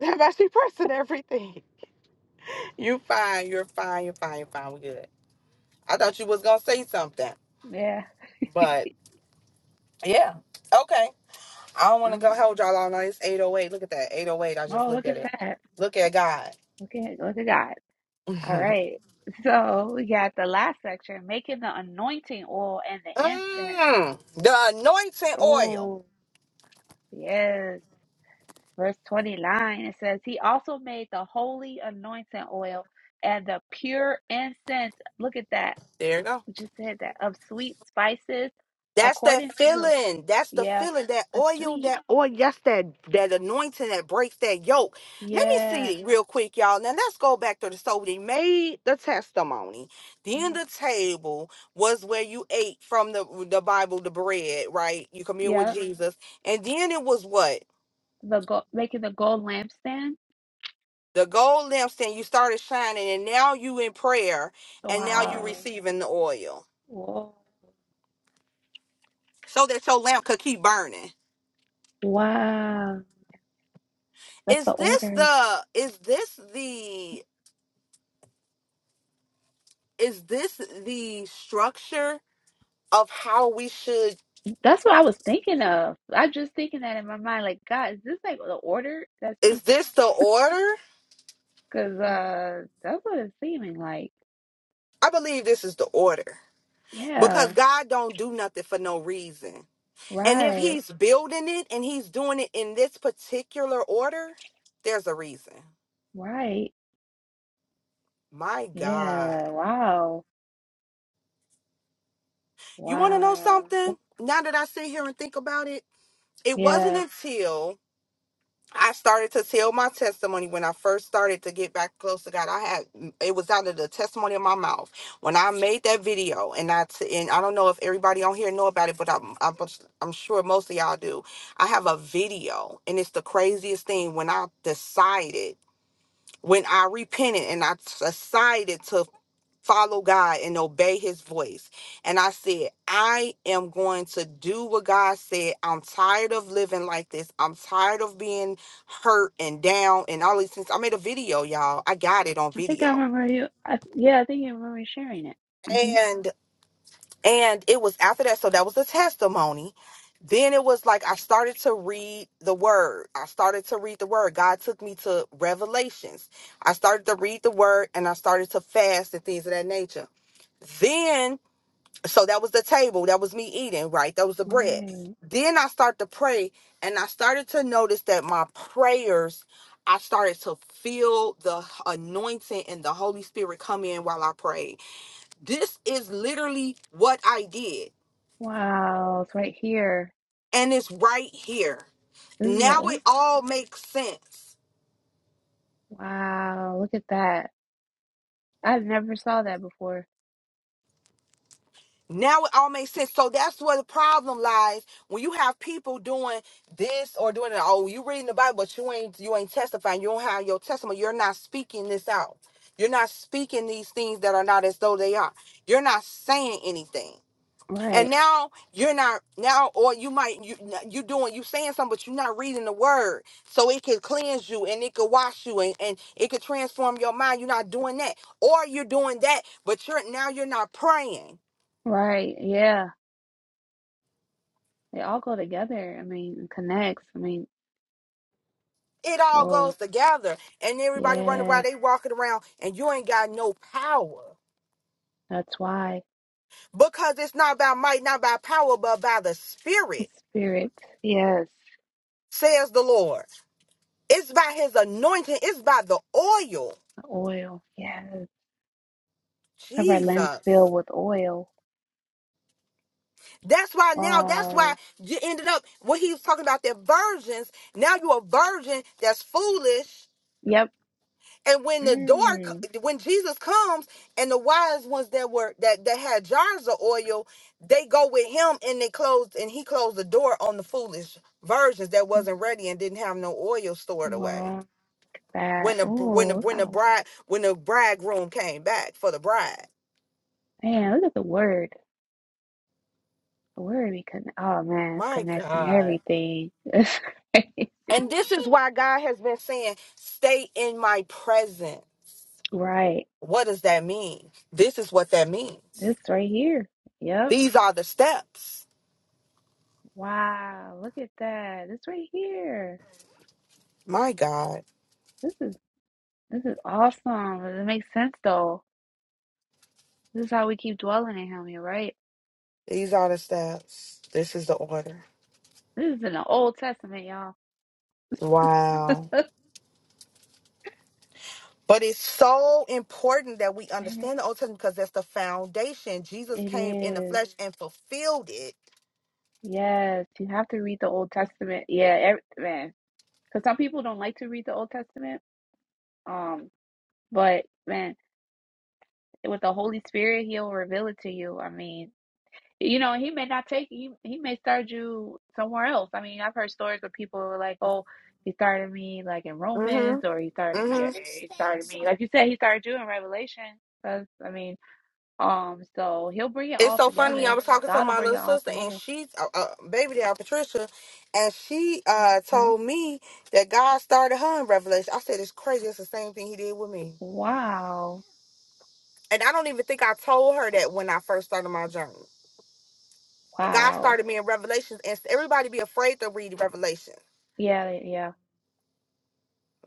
S1: that about she pressing everything. You fine. You're fine. You're fine. You're fine. We good. I thought you was gonna say something.
S2: Yeah.
S1: But yeah, okay. I don't want
S2: All
S1: to go
S2: right.
S1: hold y'all all night. It's 808. Look at that. 808. I just
S2: Oh,
S1: looked
S2: look
S1: at
S2: at
S1: it.
S2: that.
S1: Look at God.
S2: Okay, go to God.
S1: [laughs]
S2: All
S1: mm,
S2: right. So we got the last section, making the anointing oil and the incense.
S1: the anointing oil.
S2: Oh, yes. Verse 29, it says, He also made the holy anointing oil and the pure incense. Look at that.
S1: There you go.
S2: We just said that. Of sweet spices,
S1: That's that
S2: according to,
S1: feeling. That's the
S2: yeah,
S1: feeling. That
S2: the
S1: oil,
S2: sweet.
S1: that oil, that's that that anointing that breaks that yoke. Let me
S2: Yeah.
S1: see real quick, y'all. Now let's go back to the so they made the testimony. Then
S2: hmm
S1: the table was where you ate from the the Bible, the bread, right? You commune with
S2: Yeah.
S1: Jesus. And then it was what?
S2: The gold, making the gold lampstand.
S1: The gold lampstand, you started shining, and now you in prayer, and now you
S2: Wow.
S1: receiving the oil.
S2: Whoa.
S1: So that your lamp could keep burning.
S2: Wow. That's
S1: Is
S2: the
S1: this
S2: order.
S1: the is this the is this the structure of how we should
S2: That's what I was thinking of. I just thinking that in my mind, like, God, is this like the order? That's
S1: is this the order
S2: because uh, that's what it's seeming like.
S1: i believe this is the order because
S2: Yeah,
S1: god don't do nothing for no reason and if
S2: right,
S1: he's building it and he's doing it in this particular order there's a reason
S2: right.
S1: my god
S2: Yeah, wow,
S1: you want to know
S2: wow.
S1: something now that i sit here and think about it it wasn't
S2: Yeah,
S1: until I started to tell my testimony when I first started to get back close to God. I had it was out of the testimony of my mouth when I made that video, and I t- and I don't know if everybody on here know about it, but I'm I'm, I'm sure most of y'all do. I have a video, and it's the craziest thing when I decided. When I repented and I decided to follow God and obey his voice. And I said, I am going to do what God said. I'm tired of living like this. I'm tired of being hurt and down and all these things. I made a video, y'all. I got it on
S2: I think I
S1: video.
S2: remember you. I, yeah, I think you remember sharing it. hmm
S1: And and it was after that. So that was a testimony. Then it was like I started to read the word. I started to read the word. God took me to Revelations. I started to read the word and I started to fast and things of that nature. Then So that was the table. That was me eating, right? That was the bread.
S2: Right.
S1: Then I start to pray and I started to notice that my prayers, I started to feel the anointing and the Holy Spirit come in while I prayed. This is literally what I did.
S2: Wow, it's right here.
S1: And it's right here.
S2: This is the
S1: Now it
S2: order.
S1: all makes sense.
S2: Wow, look at that. I never saw that before.
S1: Now it all makes sense. So that's where the problem lies. When you have people doing this or doing that, oh, you reading the Bible, but you ain't you ain't testifying. You don't have your testimony. You're not speaking this out. You're not speaking these things that are not as though they are. You're not saying anything. And
S2: Right,
S1: now you're not now, or you might you you doing you saying something, but you're not reading the word. So it could cleanse you and it could wash you and, and it could transform your mind. You're not doing that. Or you're doing that, but you're now you're not praying
S2: right. Yeah. They all go together. I mean, and connects. I mean,
S1: It all
S2: oh,
S1: goes together. And everybody running
S2: yeah.
S1: around, they walking around, and you ain't got no power.
S2: That's why.
S1: Because it's not by might, not by power, but by the
S2: The
S1: Spirit,
S2: spirit. Yes.
S1: says the Lord. It's by His anointing, it's by the oil.
S2: The oil. Yes. Have our lamps filled
S1: Jesus.
S2: with oil.
S1: That's why now, that's why
S2: Wow.
S1: you ended up, when he was talking about the virgins, now you're a virgin that's foolish
S2: Yep.
S1: And when the door,
S2: Mm.
S1: c- when Jesus comes, and the wise ones that were that that had jars of oil, they go with him, and they closed, and he closed the door on the foolish virgins that wasn't ready and didn't have no oil stored away.
S2: Wow. Look at
S1: When
S2: that.
S1: the when the
S2: Oh,
S1: when the bride when the bridegroom came back for the bride,
S2: man, look at the word. The word we con- oh man, it's
S1: my
S2: connecting
S1: God.
S2: everything. [laughs] It's
S1: And
S2: crazy.
S1: this is why God has been saying, "Stay in my presence."
S2: Right.
S1: What does that mean? This is what that means.
S2: This right here. Yep.
S1: These are the steps.
S2: Wow. Look at that. This right here.
S1: My God.
S2: This is This is awesome. It makes sense though. This is how we keep dwelling in him, you're right.
S1: These are the steps. This is the order.
S2: This is in the Old Testament, y'all.
S1: Wow.
S2: [laughs]
S1: But it's so important that we
S2: Man,
S1: understand the Old Testament because that's the foundation. Jesus
S2: it
S1: came in the
S2: is.
S1: flesh and fulfilled it.
S2: Yes, you have to read the Old Testament. Yeah, every, man. Because some people don't like to read the Old Testament. Um, but man, with the Holy Spirit, He'll reveal it to you. I mean, You know, he may not take he he may start you somewhere else. I mean, I've heard stories where people were like, "Oh, he started me like in
S1: hmm
S2: Romans, or he started me, eh,
S1: hmm
S2: eh, he started me." Like you said, he started you in Revelation. Because I mean, um, so he'll bring it
S1: It's
S2: all
S1: so funny. I
S2: together.
S1: was talking to
S2: God will
S1: my
S2: bring
S1: little
S2: it all
S1: sister and
S2: together.
S1: she's uh, uh, baby down Patricia, and she uh
S2: Huh?
S1: told me that God started her in Revelation. I said it's crazy. It's the same thing He did with me.
S2: Wow.
S1: And I don't even think I told her that when I first started my journey. God
S2: Wow.
S1: started me in Revelations, and everybody be afraid to read Revelations.
S2: Yeah. Yeah.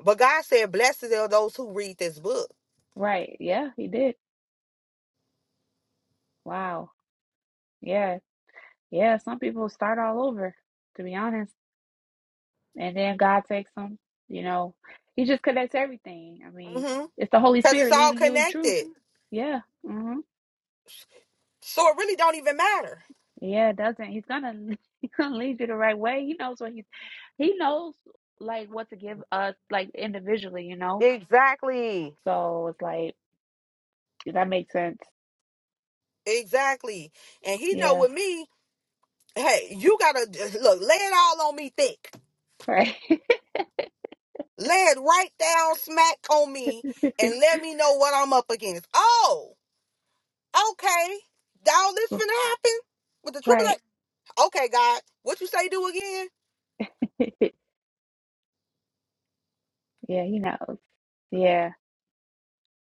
S1: But God said, "Blessed are those who read this book,"
S2: Right. Yeah. He did. Wow. Yeah. Yeah. Some people start all over. To be honest. and then God takes them. You know, He just connects everything. I mean,
S1: Mm-hmm.
S2: it's the Holy
S1: because it's
S2: Spirit
S1: all
S2: leading you in truth.
S1: connected.
S2: Yeah, hmm
S1: So it really don't even matter.
S2: yeah, it doesn't He's gonna [laughs] He's gonna lead you the right way. He knows what He He knows like what to give us like individually. You know,
S1: Exactly.
S2: so it's like that makes sense.
S1: Exactly. And He know
S2: Yeah,
S1: with me, hey, you gotta look, lay it all on me thick,
S2: right, [laughs]
S1: lay it right down smack on me, and let me know what I'm up against. Oh, okay, all this finna happen with the triple
S2: right.
S1: A. Okay, God, what you say do again?
S2: [laughs] yeah, He knows. Yeah,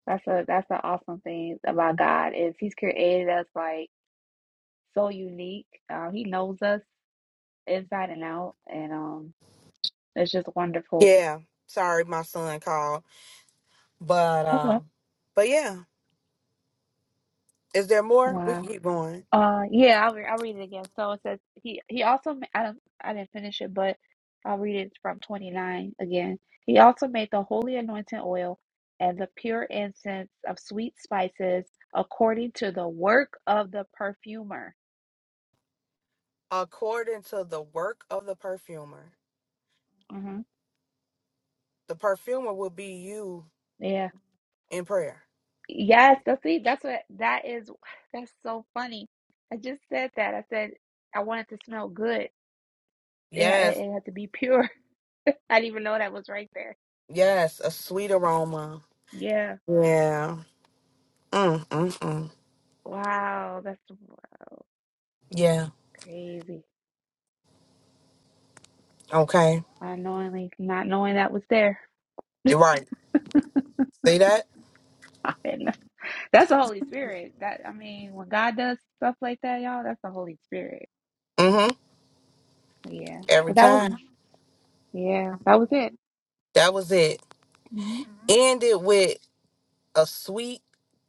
S2: that's a that's an awesome thing about God is He's created us like so unique. Uh, he knows us inside and out, and um, it's just wonderful.
S1: Yeah, sorry, my son called, but
S2: Okay.
S1: uh, but yeah. Is there more? We can
S2: Wow.
S1: keep going.
S2: Uh, yeah, I'll, re- I'll read it again. So it says he he also ma- I don't I didn't finish it, but I'll read it from twenty nine again. He also made the holy anointing oil and the pure incense of sweet spices according to the work of the perfumer.
S1: According to the work of the perfumer,
S2: hmm
S1: the perfumer will be you
S2: Yeah.
S1: in prayer.
S2: Yes. That's see. That's what that is. [sighs] That's so funny. I just said that. I said I wanted to smell good. It, ha-
S1: Yes,
S2: it had to be pure. [laughs] I didn't even know that was right there.
S1: yes, a sweet aroma.
S2: Yeah.
S1: Yeah. Mm, mm, mm.
S2: Wow. That's wow,
S1: Yeah.
S2: crazy.
S1: Okay.
S2: Unknowingly, not knowing that was there.
S1: You're right. See that?
S2: [laughs] That's the Holy Spirit. That I mean, when God does stuff like that, y'all, that's the Holy Spirit.
S1: Mm-hmm.
S2: Yeah.
S1: Every
S2: But that was
S1: time.
S2: yeah, that was it.
S1: That was it.
S2: hmm
S1: Ended with a sweet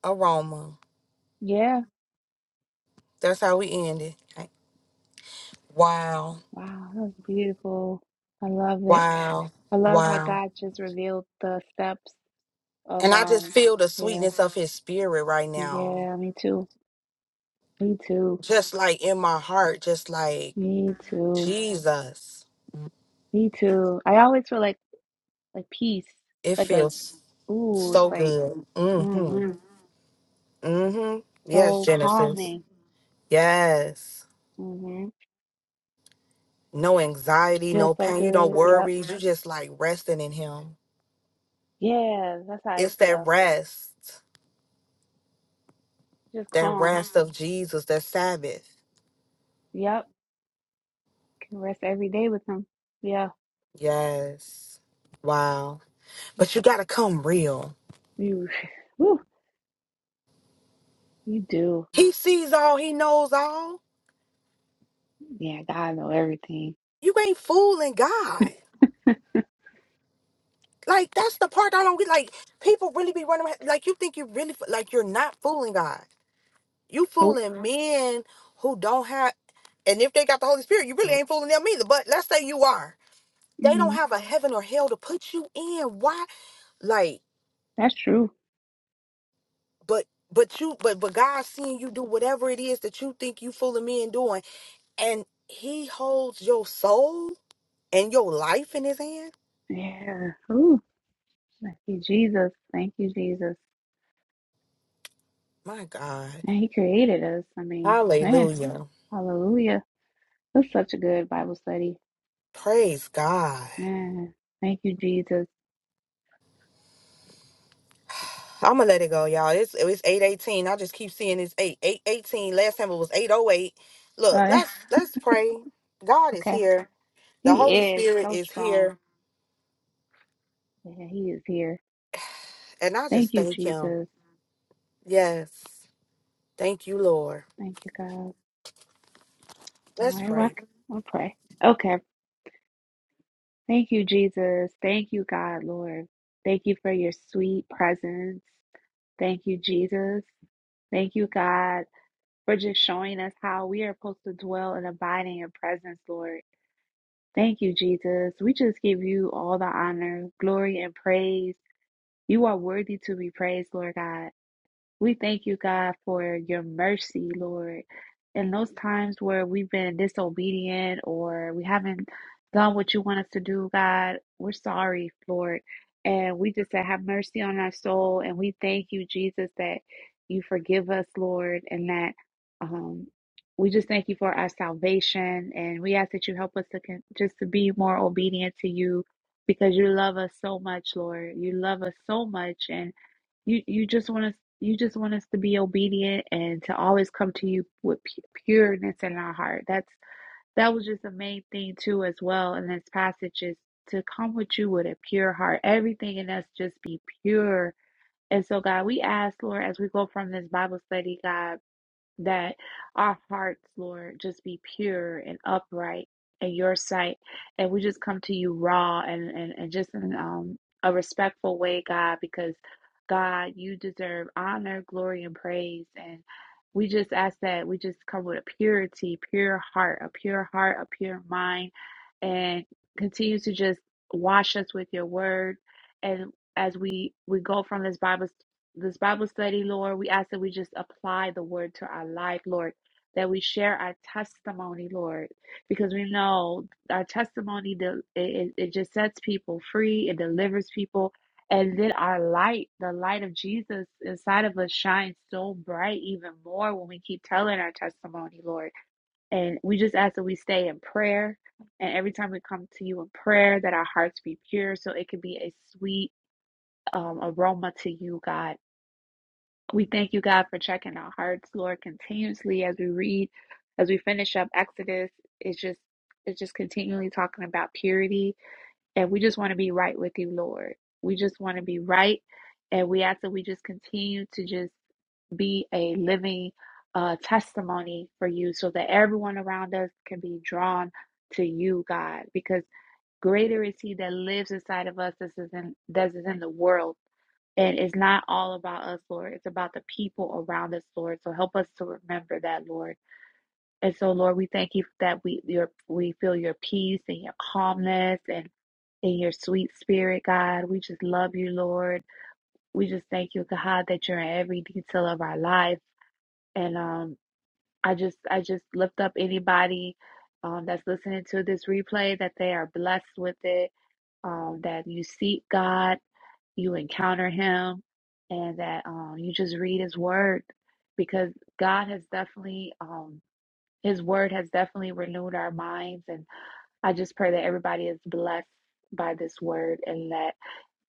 S1: aroma.
S2: Yeah.
S1: That's how we ended. Wow.
S2: Wow, that was beautiful. I love it.
S1: Wow.
S2: I love how
S1: Wow.
S2: God just revealed the steps of
S1: And I just
S2: um
S1: feel the
S2: yeah.
S1: sweetness of his spirit right now.
S2: Yeah, me too. Me too.
S1: just like in my heart, just like
S2: Me too.
S1: Jesus.
S2: Me too. I always feel like like peace,
S1: It
S2: like a
S1: feels
S2: ooh, it's
S1: so
S2: like
S1: good. Mm-hmm.
S2: mm
S1: Mm-hmm. Yes,
S2: so
S1: Genesis.
S2: calming.
S1: Yes.
S2: hmm
S1: No anxiety,
S2: Feels
S1: no
S2: so
S1: pain. You don't
S2: good. Yep.
S1: worry. You just like resting in him.
S2: Yeah, that's how you
S1: It's that
S2: feel.
S1: rest.
S2: Just
S1: That
S2: calm.
S1: rest of Jesus, that Sabbath.
S2: Yep. Can rest every day with him. Yeah.
S1: Yes. Wow. But you gotta come real.
S2: You, [laughs] [sighs] whew, you do.
S1: He sees all, he knows all.
S2: Yeah, God know everything.
S1: You ain't fooling God. Like that's the part I don't get. Like people really be running around- like you think you really like you're not fooling God. You
S2: Nope.
S1: fooling men who don't have, and if they got the Holy Spirit, you really ain't fooling them either. But let's say you are. They don't
S2: hmm
S1: have a heaven or hell to put you in. Why? Like,
S2: That's true.
S1: but but you but but God seeing you do whatever it is that you think you fooling men doing, and He holds your soul and your life in His hand.
S2: Yeah. Ooh. Thank you, Jesus. Thank you, Jesus.
S1: My God,
S2: And He created us. I mean, man,
S1: Hallelujah,
S2: hallelujah. That's such a good Bible study.
S1: praise God.
S2: Man, thank you, Jesus.
S1: I'm gonna let it go, y'all. It's it's eight eighteen. I just keep seeing this eight eight eighteen. Last time it was eight oh eight. Look,
S2: [laughs]
S1: let's let's pray. God is
S2: Okay.
S1: here. The
S2: He
S1: Holy
S2: is
S1: Spirit
S2: so
S1: is
S2: strong.
S1: here,
S2: Yeah, he is here.
S1: and I
S2: Thank
S1: just
S2: you,
S1: thank Him.
S2: Jesus.
S1: Yes, thank you, Lord.
S2: Thank you, God. All
S1: Let's
S2: right, well,
S1: pray.
S2: I'll pray. Okay. Thank you, Jesus. Thank you, God, Lord. Thank you for your sweet presence. Thank you, Jesus. Thank you, God, for just showing us how we are supposed to dwell and abide in your presence, Lord. Thank you, Jesus. We just give you all the honor, glory, and praise. You are worthy to be praised, Lord God. We thank you, God, for your mercy, Lord. In those times where we've been disobedient or we haven't done what you want us to do, God, we're sorry, Lord. And we just say, have mercy on our soul. And we thank you, Jesus, that you forgive us, Lord, and that um, we just thank you for our salvation. And we ask that you help us to con- just to be more obedient to you because you love us so much, Lord. You love us so much. and. You you just want us you just want us to be obedient and to always come to you with pu- pureness in our heart. That's that was just the main thing too as well in this passage is to come with you with a pure heart. Everything in us just be pure. And so God, we ask Lord as we go from this Bible study, God that our hearts, Lord, just be pure and upright in your sight. And we just come to you raw and, and, and just in um, a respectful way, God, because God, you deserve honor, glory, and praise. And we just ask that we just come with a purity, pure heart, a pure heart, a pure mind, and continue to just wash us with your word. And as we, we go from this Bible this Bible study, Lord. We ask that we just apply the word to our life, Lord, that we share our testimony, Lord, because we know our testimony, del- it, it it just sets people free, it delivers people. And then our light, the light of Jesus inside of us shines so bright even more when we keep telling our testimony, Lord. And we just ask that we stay in prayer. And every time we come to you in prayer, that our hearts be pure so it can be a sweet um, aroma to you, God. We thank you, God, for checking our hearts, Lord, continuously as we read, as we finish up Exodus. It's just, it's just continually talking about purity, and we just want to be right with you, Lord. We just want to be right, and we ask that we just continue to just be a living uh, testimony for you, so that everyone around us can be drawn to you, God, because. Greater is he that lives inside of us this is in, as is in the world. And it's not all about us, Lord. It's about the people around us, Lord. So help us to remember that, Lord. And so, Lord, we thank you that we your we feel your peace and your calmness and in your sweet spirit, God. We just love you, Lord. We just thank you, God, that you're in every detail of our life. And um, I just I just lift up anybody um, that's listening to this replay that they are blessed with it um, that you seek God, you encounter Him, and that um, you just read His Word because God has definitely, um, His Word has definitely renewed our minds. And I just pray that everybody is blessed by this Word and that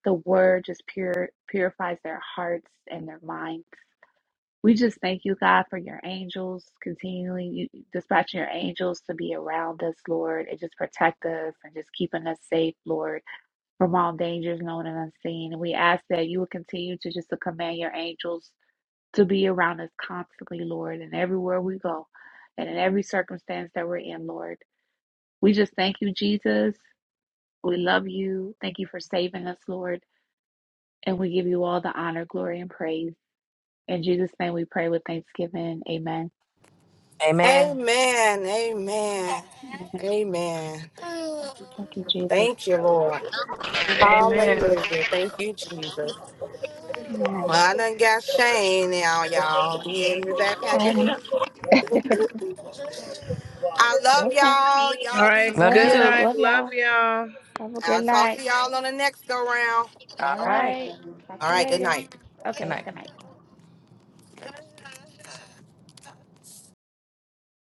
S2: the Word just pure, purifies their hearts and their minds. We just thank you, God, for your angels continually you- dispatching your angels to be around us, Lord, and just protect us and just keeping us safe, Lord from all dangers known and unseen. And we ask that you will continue to just to command your angels to be around us constantly, Lord, and everywhere we go and in every circumstance that we're in, Lord. We just thank you, Jesus. We love you. Thank you for saving us, Lord. And we give you all the honor, glory, and praise. In Jesus' name we pray with thanksgiving. Amen.
S5: Amen.
S1: Amen. Amen.
S2: Amen.
S1: Amen.
S2: Thank you, Jesus.
S1: Thank you, Lord.
S3: [laughs] Amen.
S1: Hallelujah. Thank you, Jesus.
S2: Amen.
S1: Well, I done got Shane now, y'all. Yeah, me back. at
S2: Okay. [laughs]
S1: I love
S2: okay.
S1: y'all.
S3: All
S1: Y'all be
S3: right.
S2: We
S5: Love
S2: love
S5: you
S2: you.
S3: Good
S5: too.
S1: blessed.
S3: night.
S2: Love
S3: Love
S2: y'all.
S3: y'all.
S2: Have a good
S1: I'll talk
S2: night.
S1: to y'all on the next go round.
S2: All
S5: All right.
S2: right. Talk
S1: All
S2: to you
S1: right, good
S2: later.
S1: night.
S5: Good
S2: Okay.
S5: night.
S2: Good night.